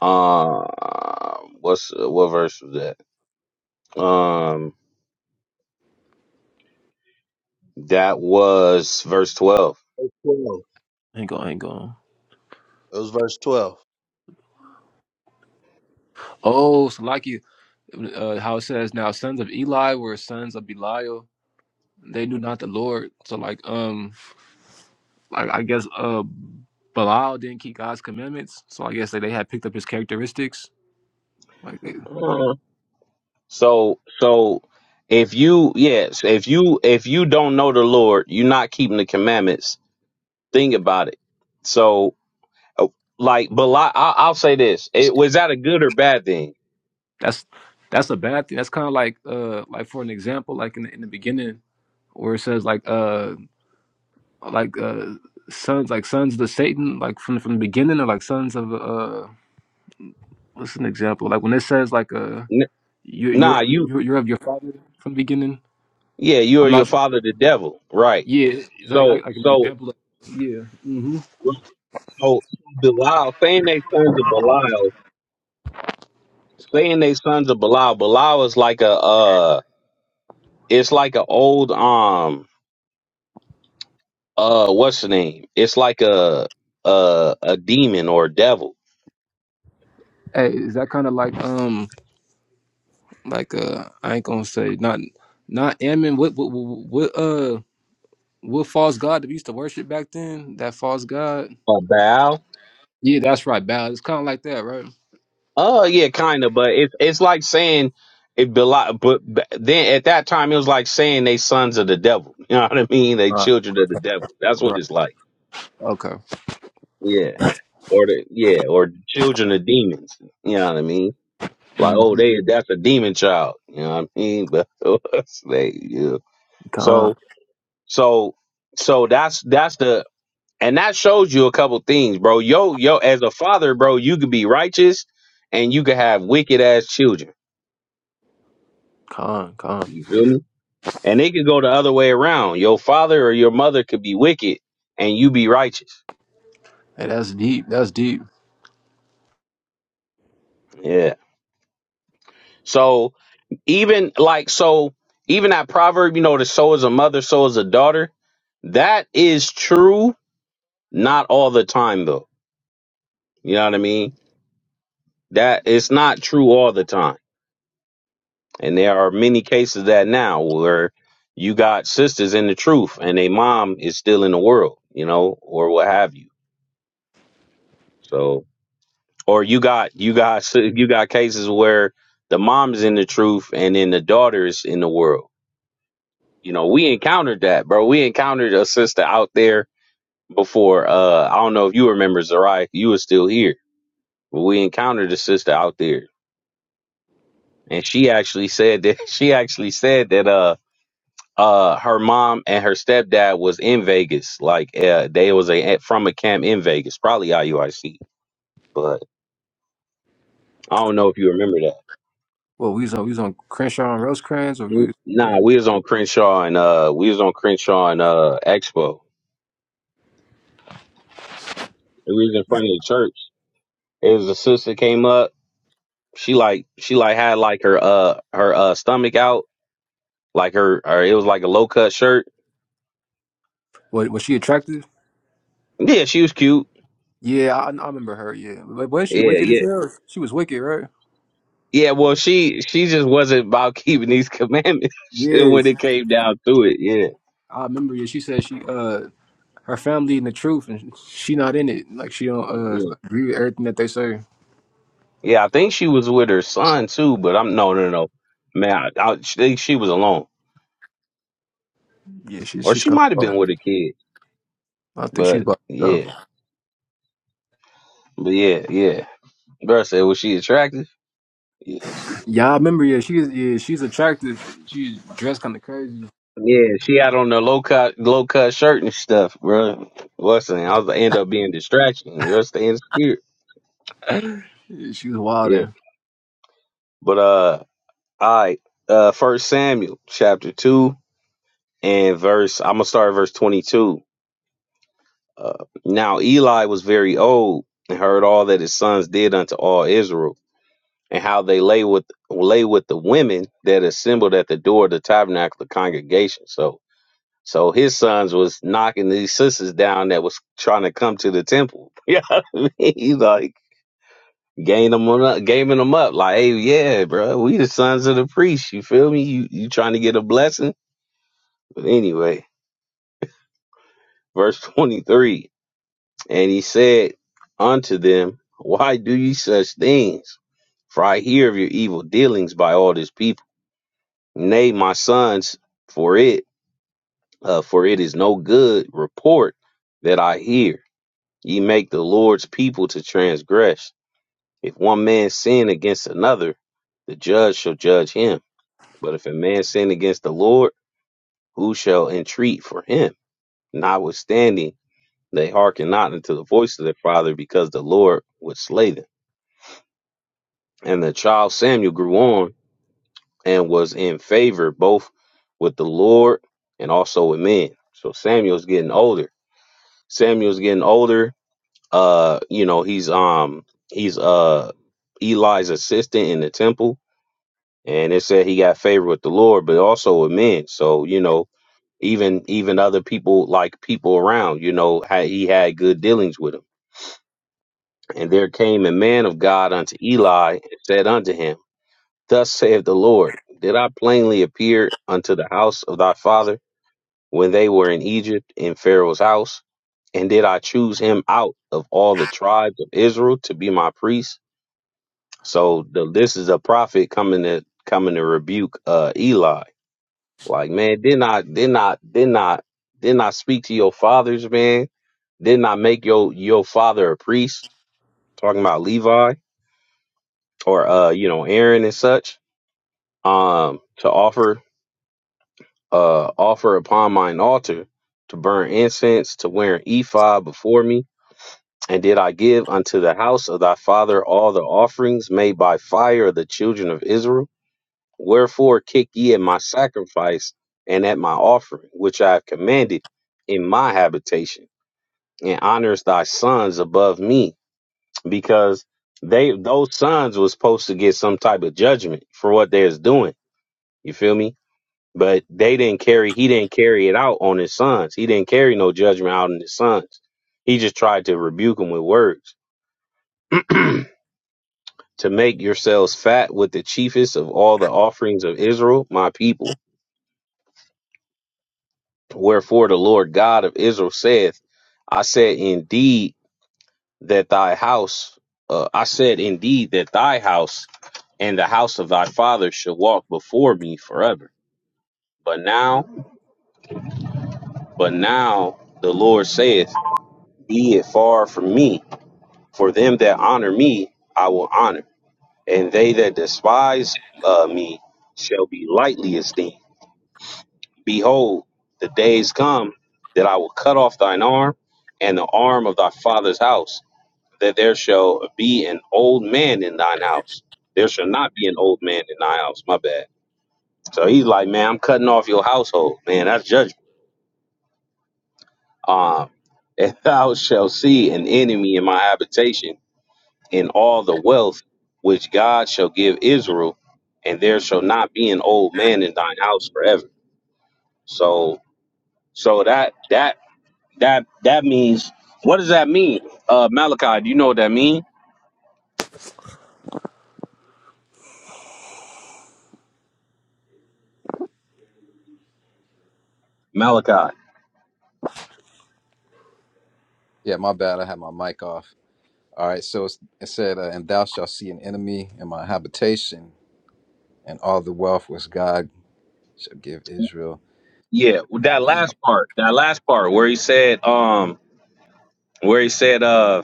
[SPEAKER 2] Uh what's what verse was that? Um that was verse twelve.
[SPEAKER 1] Twelve.
[SPEAKER 3] Hang on, hang on.
[SPEAKER 1] It was verse twelve.
[SPEAKER 3] Oh, so like you, uh, how it says now, sons of Eli were sons of Belial. They knew not the Lord. So like, um, like I guess uh, Belial didn't keep God's commandments. So I guess that they had picked up his characteristics. Like they-
[SPEAKER 2] Uh. So so if you yes, if you if you don't know the Lord, you're not keeping the commandments, think about it. So like but like, I, i'll say this it was that a good or bad thing
[SPEAKER 3] that's that's a bad thing. That's kind of like uh, like for an example, like in the, in the beginning. where it says like uh like uh sons like sons of the Satan like from from the beginning or like sons of uh what's an example like when it says like uh
[SPEAKER 2] N-
[SPEAKER 3] you
[SPEAKER 2] nah
[SPEAKER 3] you're
[SPEAKER 2] you
[SPEAKER 3] you're, you're of your father from the beginning
[SPEAKER 2] yeah you are
[SPEAKER 3] I'm
[SPEAKER 2] your
[SPEAKER 3] not
[SPEAKER 2] father the devil right
[SPEAKER 3] yeah is that
[SPEAKER 2] so
[SPEAKER 3] like, like an
[SPEAKER 2] so
[SPEAKER 3] example of, yeah hmm
[SPEAKER 2] so belial saying they sons of belial saying they sons of belial belial is like a uh it's like a old um uh what's the name it's like a a a demon or a devil
[SPEAKER 3] hey is that kind of like um like uh I ain't gonna say not not Ammon what what what what, uh what false god that we used to worship back then that false god
[SPEAKER 2] A Baal?
[SPEAKER 3] yeah that's right Bal it's kind of like that right
[SPEAKER 2] Uh, yeah, kind of, but it's it's like saying it beli- but but then at that time it was like saying they sons of the devil. <laughs> You know what I mean? They
[SPEAKER 3] right
[SPEAKER 2] children of the devil. That's what it's like.
[SPEAKER 3] right
[SPEAKER 2] Yeah, or the yeah, or children of demons. You know what I mean? Like
[SPEAKER 3] okay
[SPEAKER 2] oh, they that's a demon child. You know what I mean? <laughs> But they yeah.
[SPEAKER 3] Con,
[SPEAKER 2] So so so that's that's the and that shows you a couple things, bro. Yo yo, as a father, bro, you could be righteous and you could have wicked ass children.
[SPEAKER 3] con, con.
[SPEAKER 2] You feel me? And it could go the other way around. Your father or your mother could be wicked and you be righteous.
[SPEAKER 3] Hey, that's deep. That's deep.
[SPEAKER 2] Yeah. So even like so even that proverb, you know, the so is a mother, so is a daughter. That is true, not all the time though. You know what I mean? That it's not true all the time. And there are many cases of that now where you got sisters in the truth and a mom is still in the world, you know, or what have you. So or you got you got you got cases where the mom is in the truth and then the daughter is in the world. You know, we encountered that, bro. We encountered a sister out there before. Uh, I don't know if you remember Zariah, if you were still here, but we encountered a sister out there, and she actually said that <laughs> she actually said that uh uh her mom and her stepdad was in Vegas, like uh, they was a from a camp in Vegas, probably IUIC, but I don't know if you remember that.
[SPEAKER 3] Well, we was on we was on Crenshaw and Rosecrans, or we,
[SPEAKER 2] N-
[SPEAKER 3] was,
[SPEAKER 2] Nah, we was on Crenshaw and uh we was on Crenshaw and uh Expo. We was in
[SPEAKER 3] Yeah.
[SPEAKER 2] front of the church. It was a sister came up. She like she like had like her uh her uh stomach out, like her or it was like a low cut shirt.
[SPEAKER 3] what? Was she attractive?
[SPEAKER 2] Yeah, she was cute.
[SPEAKER 3] Yeah, I, I remember her. Yeah, but was she
[SPEAKER 2] Yeah,
[SPEAKER 3] wicked as
[SPEAKER 2] yeah.
[SPEAKER 3] hell? She was wicked, right?
[SPEAKER 2] Yeah, well she she just wasn't about keeping these <laughs> commandments when
[SPEAKER 3] Yes,
[SPEAKER 2] it came down to it. Yeah.
[SPEAKER 3] I remember. Yeah, she said she uh her family in the truth, and she not in it. Like she don't uh
[SPEAKER 2] Yeah.
[SPEAKER 3] agree with everything that they say.
[SPEAKER 2] Yeah, I think she was with her son too, but I'm no no no. Man, I, I think she was alone.
[SPEAKER 3] Yeah, she,
[SPEAKER 2] Or
[SPEAKER 3] she's
[SPEAKER 2] she
[SPEAKER 3] kind
[SPEAKER 2] might have been
[SPEAKER 3] of.
[SPEAKER 2] with a kid,
[SPEAKER 3] I think she's
[SPEAKER 2] but
[SPEAKER 3] about
[SPEAKER 2] yeah.
[SPEAKER 3] herself.
[SPEAKER 2] But yeah, yeah. Bruh said, was she attractive? Yeah, she
[SPEAKER 3] Yeah, I
[SPEAKER 2] was.
[SPEAKER 3] remember. Yeah, she's yeah she's attractive. She's dressed kind of crazy. <laughs>
[SPEAKER 2] Yeah, she had on the low cut, low cut shirt and stuff, bruh. What's saying? I was gonna end up being distraction. Bruh, stay in spirit.
[SPEAKER 3] Yeah, she was
[SPEAKER 2] Yeah.
[SPEAKER 3] wild.
[SPEAKER 2] But uh, all right. Uh, First Samuel chapter two and verse. I'm gonna start at verse 22. Uh, now Eli was very old and heard all that his sons did unto all Israel and how they lay with lay with the women that assembled at the door of the tabernacle of the congregation. So So his sons was knocking these sisters down that was trying to come to the temple. <laughs> Yeah, I mean, he like gained them up, gaming them up. Like, hey, yeah, bro, we the sons of the priest. You feel me? You you trying to get a blessing? But anyway, verse twenty three, and he said unto them, Why do ye such things? For I hear of your evil dealings by all this people. Nay, my sons, for it, uh, for it is no good report that I hear. Ye make the Lord's people to transgress. If one man sin against another, the judge shall judge him. But if a man sin against the Lord, who shall entreat for him? Notwithstanding, they hearken not unto the voice of their father, because the Lord would slay them. And the child Samuel grew on and was in favor both with the Lord and also with men. So Samuel's getting older. Samuel's getting older Uh, you know, he's um he's uh Eli's assistant in the temple, and it said he got favor with the Lord, but also with men. So you know, even even other people like people around, you know, had, he had good dealings with him. And there came a man of God unto Eli and said unto him, Thus saith the Lord, Did I plainly appear unto the house of thy father when they were in Egypt in Pharaoh's house? And did I choose him out of all the tribes of Israel to be my priest? So the, this is a prophet coming to coming to rebuke uh, Eli. Like, man, didn't I didn't I didn't I didn't I speak to your fathers, man? Didn't I make your your father a priest? Talking about Levi or uh, you know, Aaron and such, um, to offer uh offer upon mine altar, to burn incense, to wear an ephod before me. And did I give unto the house of thy father all the offerings made by fire of the children of Israel? Wherefore kick ye at my sacrifice and at my offering, which I have commanded in my habitation, and honors thy sons above me, because they those sons was supposed to get some type of judgment for what they was doing. You feel me? But they didn't carry he didn't carry it out on his sons. He didn't carry no judgment out on his sons. He just tried to rebuke them with words. <clears throat> to make yourselves fat with the chiefest of all the offerings of Israel, my people Wherefore the Lord God of Israel saith, I said indeed that thy house, uh, I said indeed that thy house and the house of thy father shall walk before me forever. But now, but now the Lord saith, Be it far from me, for them that honor me I will honor, and they that despise uh, me shall be lightly esteemed. Behold, the days come that I will cut off thine arm and the arm of thy father's house that there shall be an old man in thine house. There shall not be an old man in thy house. My bad. So he's like, man, I'm cutting off your household, man. That's judgment. Um, <laughs> and thou shalt see an enemy in my habitation, in all the wealth which God shall give Israel, and there shall not be an old man in thine house forever. So, so that that that that means what does that mean? Uh, Malachi, do you know what that means? Malachi.
[SPEAKER 4] yeah, my bad. I had my mic off. All right. So it's, it said, uh, And thou shalt see an enemy in my habitation, and all the wealth which God shall give Israel.
[SPEAKER 2] Yeah, well,
[SPEAKER 4] I'll
[SPEAKER 2] that
[SPEAKER 4] be in the...
[SPEAKER 2] last part, that last part where he said, um, where he said, uh,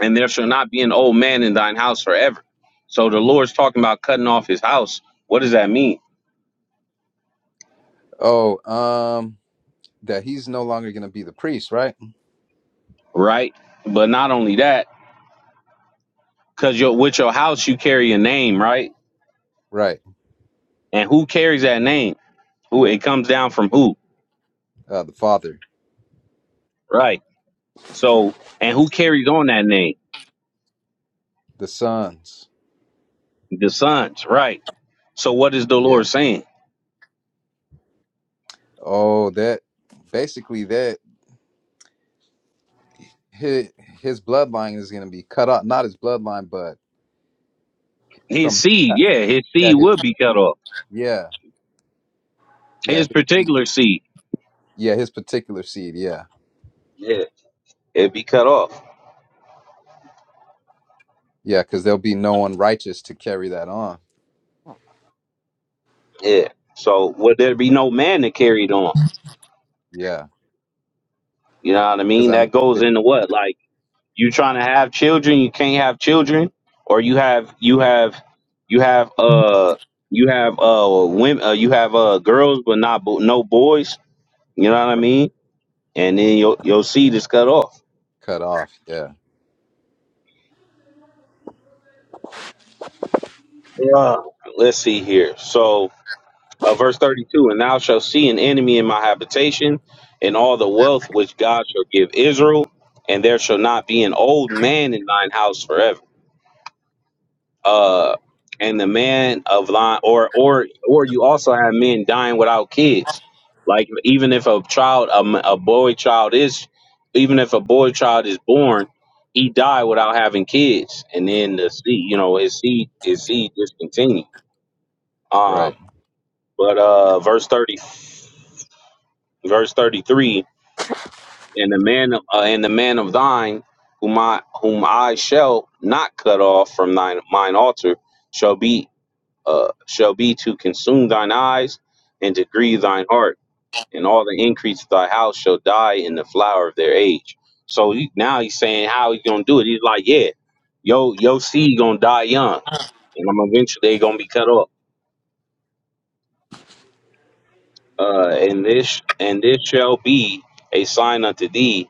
[SPEAKER 2] and there shall not be an old man in thine house forever. So the Lord's talking about cutting off his house. What does that mean,
[SPEAKER 4] Oh, um, that he's no longer going to be the priest, right?
[SPEAKER 2] right? But not only that, because your with your house you carry a name, right?
[SPEAKER 4] Right.
[SPEAKER 2] And who carries that name? Who it comes down from who,
[SPEAKER 4] Uh, the father,
[SPEAKER 2] right? So and who carries on that name?
[SPEAKER 4] the sons.
[SPEAKER 2] The sons, right? So what is the Lord
[SPEAKER 4] Yeah.
[SPEAKER 2] saying?
[SPEAKER 4] Oh, that basically that his, his bloodline is going to be cut off. Not his bloodline, but
[SPEAKER 2] His
[SPEAKER 4] from
[SPEAKER 2] seed,
[SPEAKER 4] yeah,
[SPEAKER 2] yeah, his seed will
[SPEAKER 4] his
[SPEAKER 2] be cut off.
[SPEAKER 4] yeah, yeah,
[SPEAKER 2] His
[SPEAKER 4] his, seed.
[SPEAKER 2] particular seed.
[SPEAKER 4] yeah, his particular seed. Yeah,
[SPEAKER 2] Yeah. it'd be cut off.
[SPEAKER 4] yeah, because there'll be no one righteous to carry that on.
[SPEAKER 2] Yeah. So would there be no man that carried on?
[SPEAKER 4] Yeah,
[SPEAKER 2] You know what I
[SPEAKER 4] because
[SPEAKER 2] mean?
[SPEAKER 4] I mean,
[SPEAKER 2] That goes
[SPEAKER 4] it-
[SPEAKER 2] into what? Like you trying to have children, you can't have children, or you have you have you have uh you have uh women uh, you have uh girls but not bo- no boys. You know what I
[SPEAKER 4] right,
[SPEAKER 2] mean? And then your your seed is cut off.
[SPEAKER 4] cut off. Yeah,
[SPEAKER 2] Yeah. Let's see here. So. Uh, verse 32 And thou shalt see an enemy in my habitation, and all the wealth which God shall give Israel, and there shall not be an old man in thine house forever. Uh, and the man of thine, or or or you also have men dying without kids. Like even if a child, a, m- a boy child is, even if a boy child is born, he died without having kids, and then the seed, you know, his seed, his seed discontinued. Um,
[SPEAKER 4] right.
[SPEAKER 2] but uh, verse thirty, verse thirty-three. and the man uh, and the man of thine whom I whom I shall not cut off from thine mine altar shall be uh, shall be to consume thine eyes and to grieve thine heart and all the increase of thy house shall die in the flower of their age. So he, now he's saying how he's gonna do it. He's like, yeah, yo yo seed gonna die young and I'm eventually they gonna be cut off. Uh, and this and this shall be a sign unto thee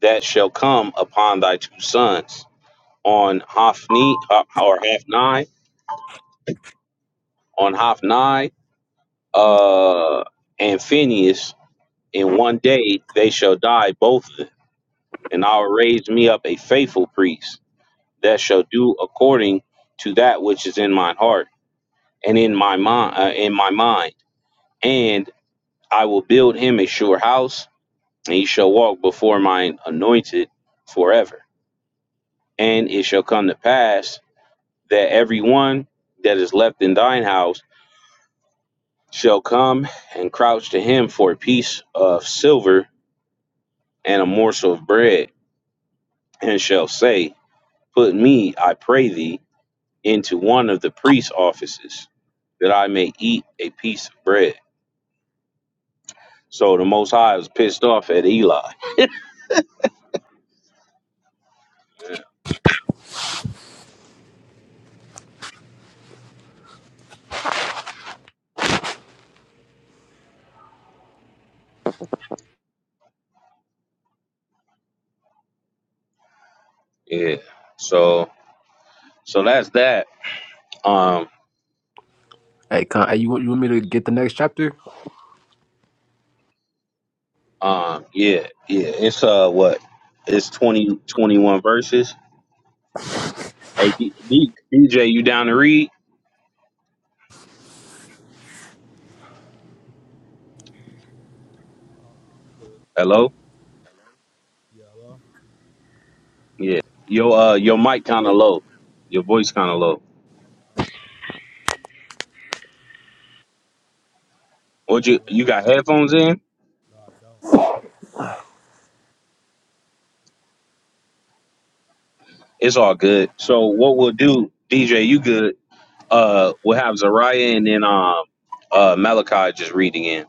[SPEAKER 2] that shall come upon thy two sons on Hophni uh, or Hophni on Hophni uh, and Phineas. In one day they shall die, both of them, and I'll raise me up a faithful priest that shall do according to that which is in my heart and in my mind. Uh, in my mind, and I will build him a sure house, and he shall walk before mine anointed forever. And it shall come to pass that every one that is left in thine house shall come and crouch to him for a piece of silver and a morsel of bread, and shall say, Put me, I pray thee, into one of the priest's offices, that I may eat a piece of bread. So the Most High was pissed off at Eli. Yeah. So so that's that. Um
[SPEAKER 3] Hey, con, hey, you want you want me to get the next chapter?
[SPEAKER 2] um yeah yeah it's uh what it's 20 21 verses. Hey D- D- DJ you down to read?
[SPEAKER 5] Um, I could.
[SPEAKER 2] Hello.
[SPEAKER 5] Yeah, hello?
[SPEAKER 2] Yeah. Your uh your mic kinda
[SPEAKER 4] All
[SPEAKER 2] low. Your voice kinda low. What you
[SPEAKER 5] Hello?
[SPEAKER 2] you got headphones in?
[SPEAKER 5] No, I don't.
[SPEAKER 2] It's all good. So what we'll do, DJ, you good. Uh we'll have Zariah and then um uh Malachi just reading in.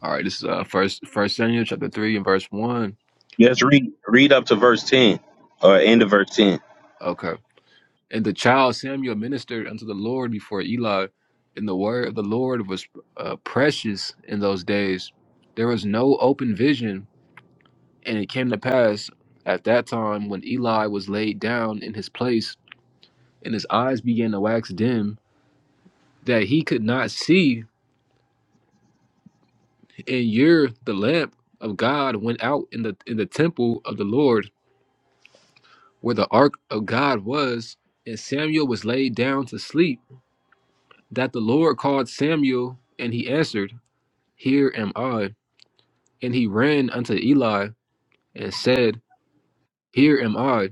[SPEAKER 3] All right, this is uh first first Samuel chapter three and verse one.
[SPEAKER 2] Yes, read read up to verse ten. Or end of verse ten.
[SPEAKER 3] Okay. And the child Samuel ministered unto the Lord before Eli, and the word of the Lord was uh, precious in those days. There was no open vision, and it came to pass at that time when Eli was laid down in his place, and his eyes began to wax dim, that he could not see, and year the lamp of God went out in the in the temple of the Lord where the ark of God was, and Samuel was laid down to sleep, that the Lord called Samuel, and he answered, Here am I. And he ran unto Eli and said, Here am I,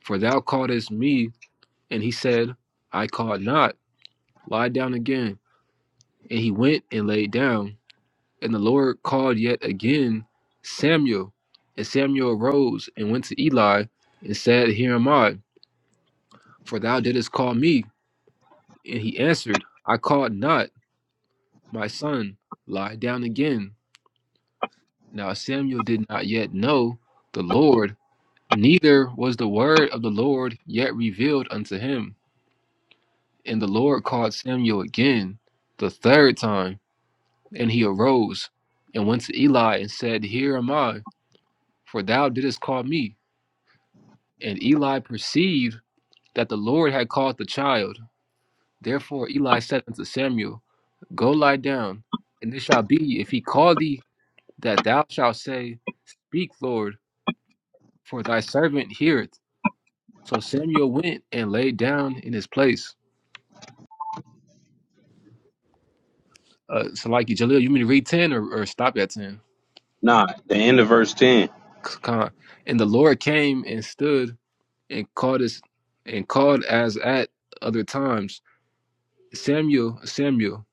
[SPEAKER 3] for thou calledest me. And he said, I called not. Lie down again. And he went and lay down. And the Lord called yet again Samuel. And Samuel arose and went to Eli and said, Here am I, for thou didst call me. And he answered, I called not. My son, lie down again. Now Samuel did not yet know the Lord, neither was the word of the Lord yet revealed unto him. And the Lord called Samuel again, the third time, and he arose and went to Eli and said, Here am I, for thou didst call me. And Eli perceived that the Lord had called the child. Therefore Eli said unto Samuel, Go lie down, and it shall be, if he call thee, that thou shalt say, Speak, Lord for thy servant heareth. So Samuel went and laid down in his place. Uh, so, like Jaleel, you mean to read 10 or, or stop at 10?
[SPEAKER 2] Nah, the end of verse ten.
[SPEAKER 3] C- con. And the Lord came and stood and called us and called as at other times, Samuel, Samuel.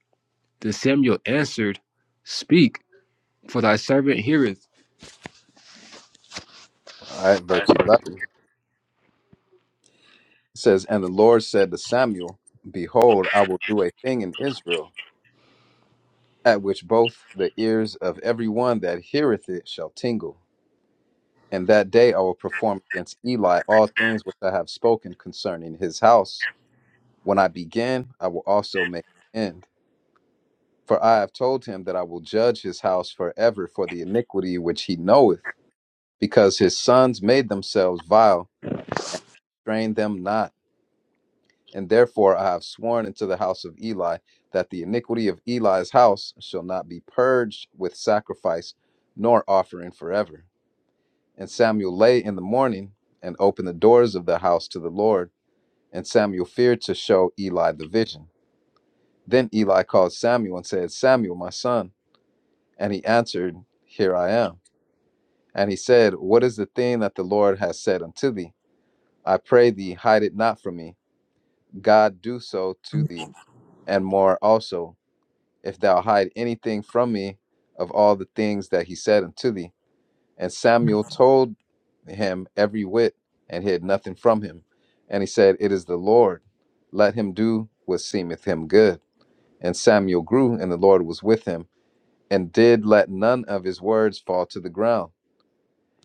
[SPEAKER 3] Then Samuel answered, Speak, for thy servant heareth.
[SPEAKER 4] right, verse eleven it says, "And the Lord said to Samuel, Behold, I will do a thing in Israel." At which both the ears of every one that heareth it shall tingle. And that day I will perform against Eli all things which I have spoken concerning his house. When I begin, I will also make an end. For I have told him that I will judge his house forever for the iniquity which he knoweth, because his sons made themselves vile, strain them not. And therefore I have sworn unto the house of Eli that the iniquity of Eli's house shall not be purged with sacrifice nor offering forever. And Samuel lay in the morning and opened the doors of the house to the Lord And Samuel feared to show Eli the vision. Then Eli called Samuel and said, Samuel, my son. And he answered, Here I am. And he said, What is the thing that the Lord has said unto thee? I pray thee, hide it not from me. God do so to thee, and more also, if thou hide anything from me of all the things that he said unto thee. And Samuel told him every whit, and hid nothing from him. And he said, It is the Lord. Let him do what seemeth him good. And Samuel grew, and the Lord was with him, and did let none of his words fall to the ground.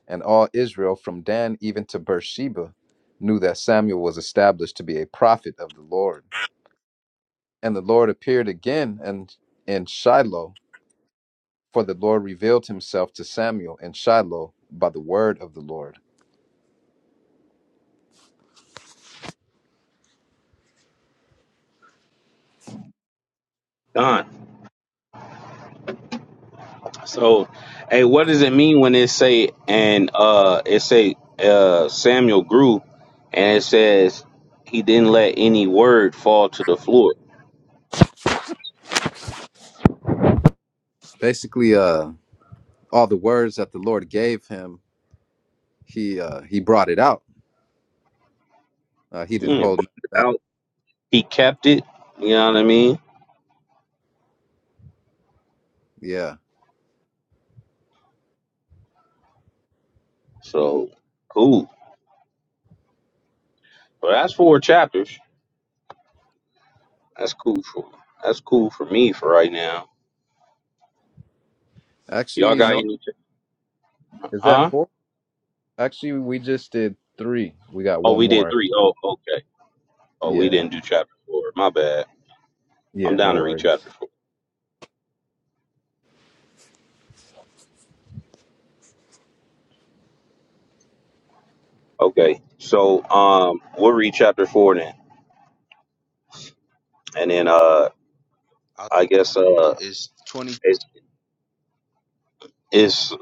[SPEAKER 4] And all Israel, from Dan even to Beersheba, knew that Samuel was established to be a prophet of the Lord. And the Lord appeared again and in Shiloh, for the Lord revealed himself to Samuel in Shiloh by the word of the Lord.
[SPEAKER 2] Done. So hey, what does it mean when it say and uh it say uh Samuel grew and it says he didn't let any word fall to the floor?
[SPEAKER 4] Basically, uh, all the words that the Lord gave him, he uh, he brought it out. Uh, he didn't
[SPEAKER 2] Yeah,
[SPEAKER 4] hold
[SPEAKER 2] brought it
[SPEAKER 4] back.
[SPEAKER 2] out. He kept it. You know what I mean?
[SPEAKER 4] Yeah,
[SPEAKER 2] So cool. But that's four chapters. That's cool for that's cool for me for right now. Y'all
[SPEAKER 4] actually,
[SPEAKER 2] got
[SPEAKER 4] no.
[SPEAKER 2] any? cha-
[SPEAKER 4] Is that
[SPEAKER 2] Huh?
[SPEAKER 4] four? Actually, we just did three. We got
[SPEAKER 2] Oh,
[SPEAKER 4] one
[SPEAKER 2] we did
[SPEAKER 4] more.
[SPEAKER 2] three. Oh, okay. Oh, we
[SPEAKER 4] Yeah.
[SPEAKER 2] didn't do chapter four. My bad. I'm
[SPEAKER 4] Yeah,
[SPEAKER 2] down
[SPEAKER 4] no
[SPEAKER 2] to read
[SPEAKER 4] worries.
[SPEAKER 2] chapter four. Okay. So um, we'll read chapter four then, and then uh,
[SPEAKER 1] I,
[SPEAKER 2] I guess uh,
[SPEAKER 1] it's 20
[SPEAKER 2] it's it's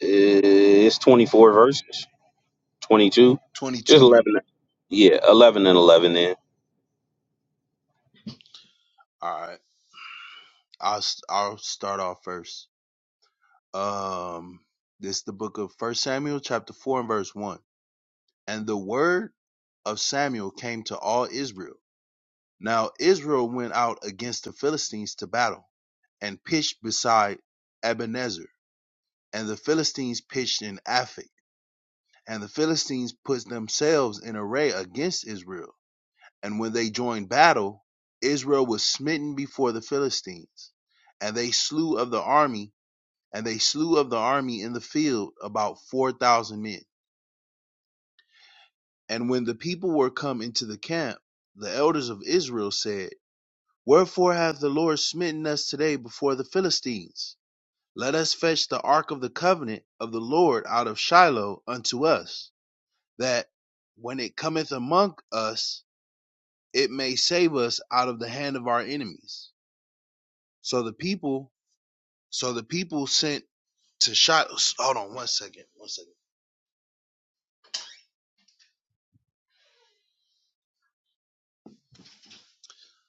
[SPEAKER 2] it's 24 verses, 22,
[SPEAKER 1] 22
[SPEAKER 2] just
[SPEAKER 1] verse.
[SPEAKER 2] 11. Yeah, 11 and 11 then.
[SPEAKER 1] All right. I'll s- I'll start off first. Um, this is the book of First Samuel, chapter four and verse one. And the word of Samuel came to all Israel Now Israel went out against the Philistines to battle, and pitched beside Ebenezer. And the Philistines pitched in Aphek. And the Philistines put themselves in array against Israel. And when they joined battle, Israel was smitten before the Philistines. And they slew of the army, and they slew of the army in the field about four thousand men. And when the people were come into the camp, the elders of Israel said, Wherefore hath the Lord smitten us today before the Philistines? Let us fetch the ark of the covenant of the Lord out of Shiloh unto us, that when it cometh among us, it may save us out of the hand of our enemies. So the people, so the people sent to Shiloh. Hold on, one second, one second.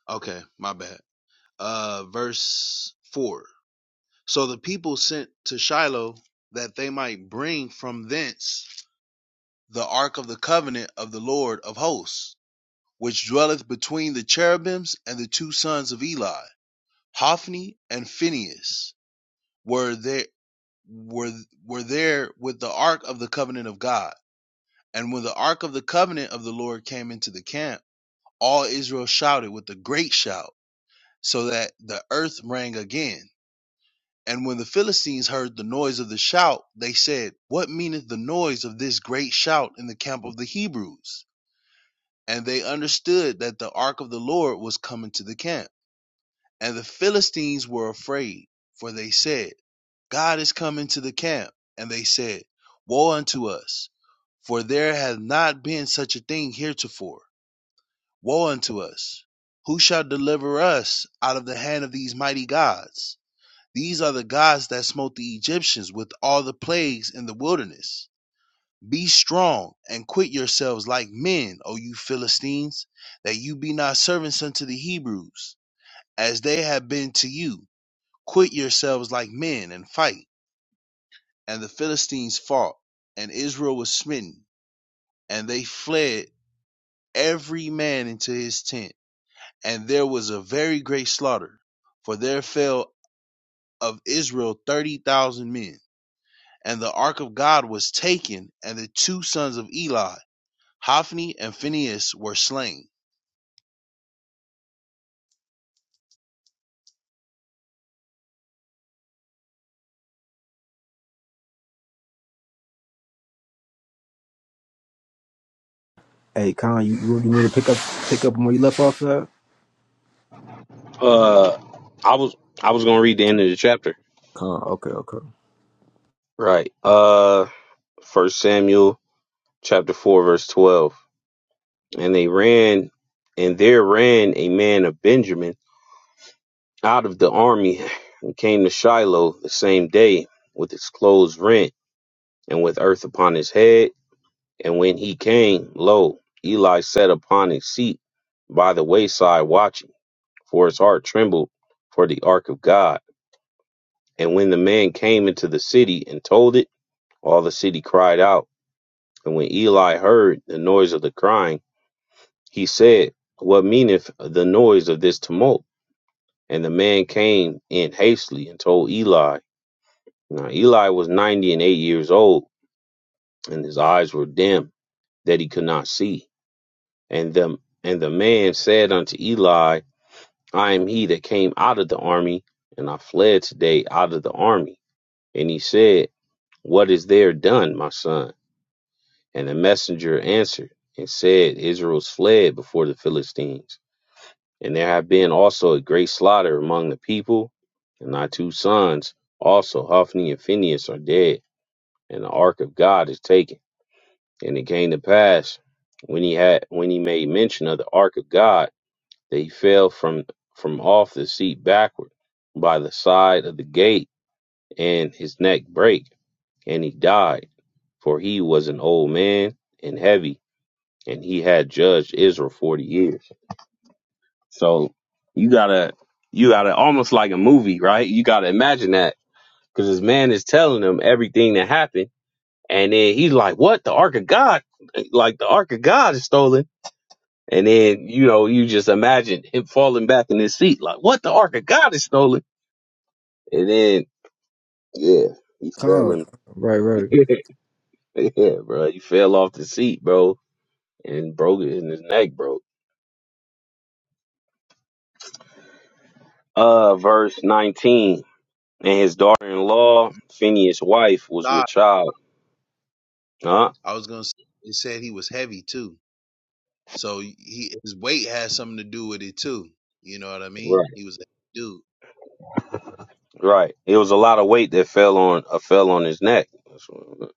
[SPEAKER 1] Okay, my bad. Uh, verse four. So the people sent to Shiloh that they might bring from thence the ark of the covenant of the Lord of hosts, which dwelleth between the cherubims and the two sons of Eli, Hophni and Phinehas, were there were were there with the ark of the covenant of God. And when the ark of the covenant of the Lord came into the camp, all Israel shouted with a great shout, so that the earth rang again. And when the Philistines heard the noise of the shout, they said, What meaneth the noise of this great shout in the camp of the Hebrews? And they understood that the ark of the Lord was coming to the camp. And the Philistines were afraid, for they said, God is coming to the camp. And they said, Woe unto us, for there hath not been such a thing heretofore. Woe unto us! Who shall deliver us out of the hand of these mighty gods? These are the gods that smote the Egyptians with all the plagues in the wilderness. Be strong and quit yourselves like men, O you Philistines, that you be not servants unto the Hebrews, as they have been to you. Quit yourselves like men and fight. And the Philistines fought, and Israel was smitten, and they fled every man into his tent. And there was a very great slaughter, for there fell of Israel thirty thousand men. And the ark of God was taken, and the two sons of Eli, Hophni and Phinehas, were slain
[SPEAKER 3] Pick up, pick up where you left off at.
[SPEAKER 2] Uh, I was I was gonna read the end of the chapter.
[SPEAKER 3] Con, okay, okay.
[SPEAKER 2] Right. Uh, First Samuel chapter four verse twelve. And they ran, and there ran a man of Benjamin out of the army, and came to Shiloh the same day with his clothes rent and with earth upon his head. And when he came, lo, Eli sat upon his seat by the wayside watching, for his heart trembled for the ark of God. And when the man came into the city and told it All the city cried out. And when Eli heard the noise of the crying, he said, What meaneth the noise of this tumult? And the man came in hastily and told Eli. Now Eli was ninety and eight years old, and his eyes were dim, that he could not see. And the, and the man said unto Eli, I am he that came out of the army, and I fled today out of the army. And he said, What is there done, my son? And the messenger answered and said, Israel's fled before the Philistines. And there have been also a great slaughter among the people. And thy two sons, also Hophni and Phinehas, are dead, and the ark of God is taken. And it came to pass when he had when he made mention of the ark of God that he fell from from off the seat backward by the side of the gate, and his neck brake, and he died, for he was an old man and heavy and he had judged Israel 40 years. So you gotta, you gotta almost like a movie, right? You gotta imagine that because this man is telling him everything that happened. And then he's like, what? The Ark of God, like the Ark of God is stolen. And then, you know, you just imagine him falling back in his seat, like, what? The Ark of God is stolen. And then, yeah, he fell
[SPEAKER 3] Con,
[SPEAKER 2] in,
[SPEAKER 3] right, right.
[SPEAKER 2] <laughs> yeah, bro, he fell off the seat, bro, and broke it, and his neck broke. Uh, verse 19. and his daughter-in-law, Phineas' wife, was
[SPEAKER 1] Nah,
[SPEAKER 2] with child. Huh?
[SPEAKER 1] I was gonna. Say, it said he was heavy too, so he his weight has something to do with it too. You know what I mean?
[SPEAKER 2] Right.
[SPEAKER 1] He was a heavy dude.
[SPEAKER 2] Right. It was a lot of weight that fell on uh, fell on his neck. That's what-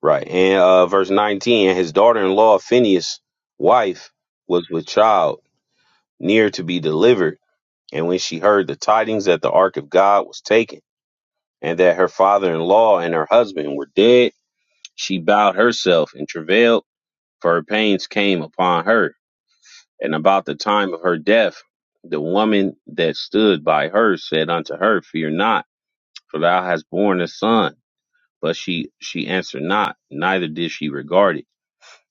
[SPEAKER 2] Right. And uh, verse 19, and his daughter-in-law, Phineas' wife, was with child, near to be delivered. And when she heard the tidings that the ark of God was taken, and that her father-in-law and her husband were dead, she bowed herself and travailed, for her pains came upon her. And about the time of her death, the woman that stood by her said unto her, Fear not, for thou hast borne a son. But she, she answered not, neither did she regard it.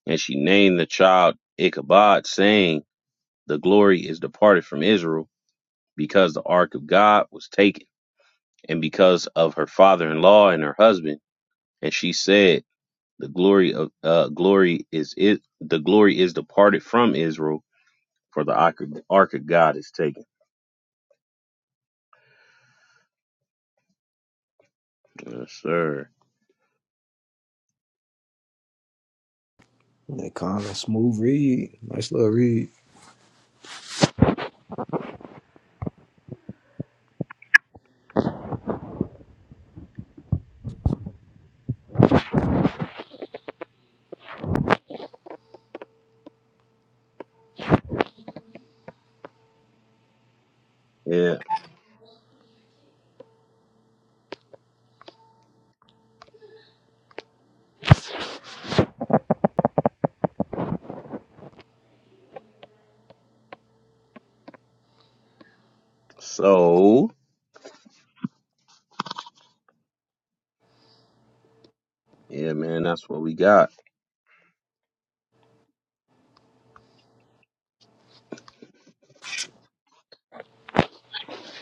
[SPEAKER 2] And she named the child Ichabod, saying, The glory is departed from Israel, because the ark of God was taken, and because of her father in law and her husband. And she said, The glory of uh, glory is it the glory is departed from Israel, for the ark of ark of God is taken. Yes, sir.
[SPEAKER 3] Hey, con, a smooth read. Nice little read.
[SPEAKER 2] Yeah. So, yeah, man, that's what we got.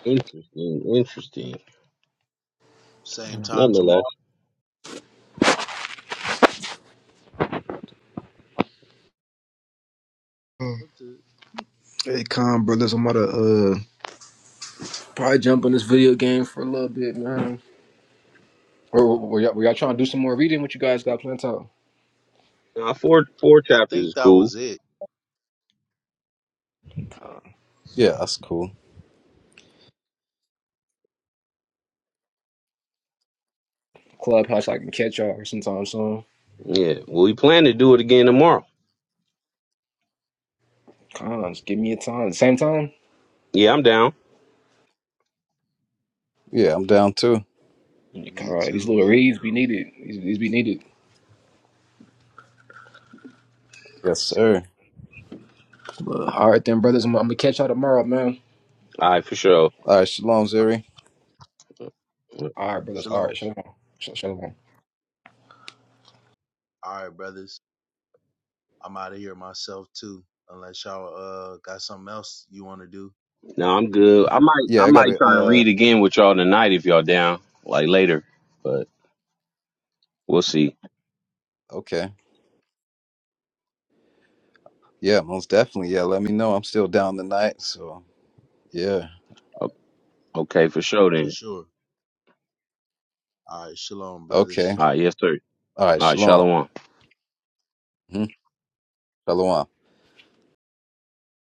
[SPEAKER 2] Interesting, interesting.
[SPEAKER 1] Same time tomorrow.
[SPEAKER 2] Nonetheless,
[SPEAKER 1] What the?
[SPEAKER 3] Hey, con, brothers, I'm about to. uh Probably jump on this video game for a little bit, man. Or or- were y'all, were y'all trying to do some more reading? What you guys got planned out?
[SPEAKER 2] uh, four four
[SPEAKER 1] I
[SPEAKER 2] chapters
[SPEAKER 1] think
[SPEAKER 2] is
[SPEAKER 1] that
[SPEAKER 2] cool.
[SPEAKER 1] was it.
[SPEAKER 3] Uh,
[SPEAKER 4] Yeah, that's cool.
[SPEAKER 3] clubhouse, I can catch y'all sometime soon.
[SPEAKER 2] Yeah. Well, we plan to do it again tomorrow.
[SPEAKER 3] Cons, give me a time. Same time.
[SPEAKER 2] Yeah, I'm down.
[SPEAKER 4] Yeah, I'm down too.
[SPEAKER 3] All
[SPEAKER 1] Me
[SPEAKER 3] right, these
[SPEAKER 1] too.
[SPEAKER 3] little reads be needed. These, these be needed.
[SPEAKER 1] Yes,
[SPEAKER 4] Yes,
[SPEAKER 1] sir.
[SPEAKER 4] sir.
[SPEAKER 3] all right, then, brothers, I'm, I'm gonna catch y'all tomorrow, man.
[SPEAKER 2] All right, for sure.
[SPEAKER 4] All right, shalom, Zuri.
[SPEAKER 3] All right, brothers. All
[SPEAKER 1] Shalom.
[SPEAKER 3] right, shalom. Shalom.
[SPEAKER 1] All right, brothers. I'm out of here myself too. Unless y'all uh got something else you want to do
[SPEAKER 2] No, I'm good. I might I
[SPEAKER 4] Yeah, I
[SPEAKER 2] might
[SPEAKER 4] gotta
[SPEAKER 2] try and
[SPEAKER 4] uh
[SPEAKER 2] read again with y'all tonight if y'all down, like later. But we'll see.
[SPEAKER 4] okay. Yeah, most definitely. Yeah, let me know. I'm still down tonight, so yeah.
[SPEAKER 2] O- Okay, for sure
[SPEAKER 1] for
[SPEAKER 2] then.
[SPEAKER 1] sure. All right, shalom, brothers.
[SPEAKER 4] Okay.
[SPEAKER 2] All right, yes, sir.
[SPEAKER 4] All right,
[SPEAKER 2] All right,
[SPEAKER 4] shalom.
[SPEAKER 2] Shalom.
[SPEAKER 4] hmm Shalom.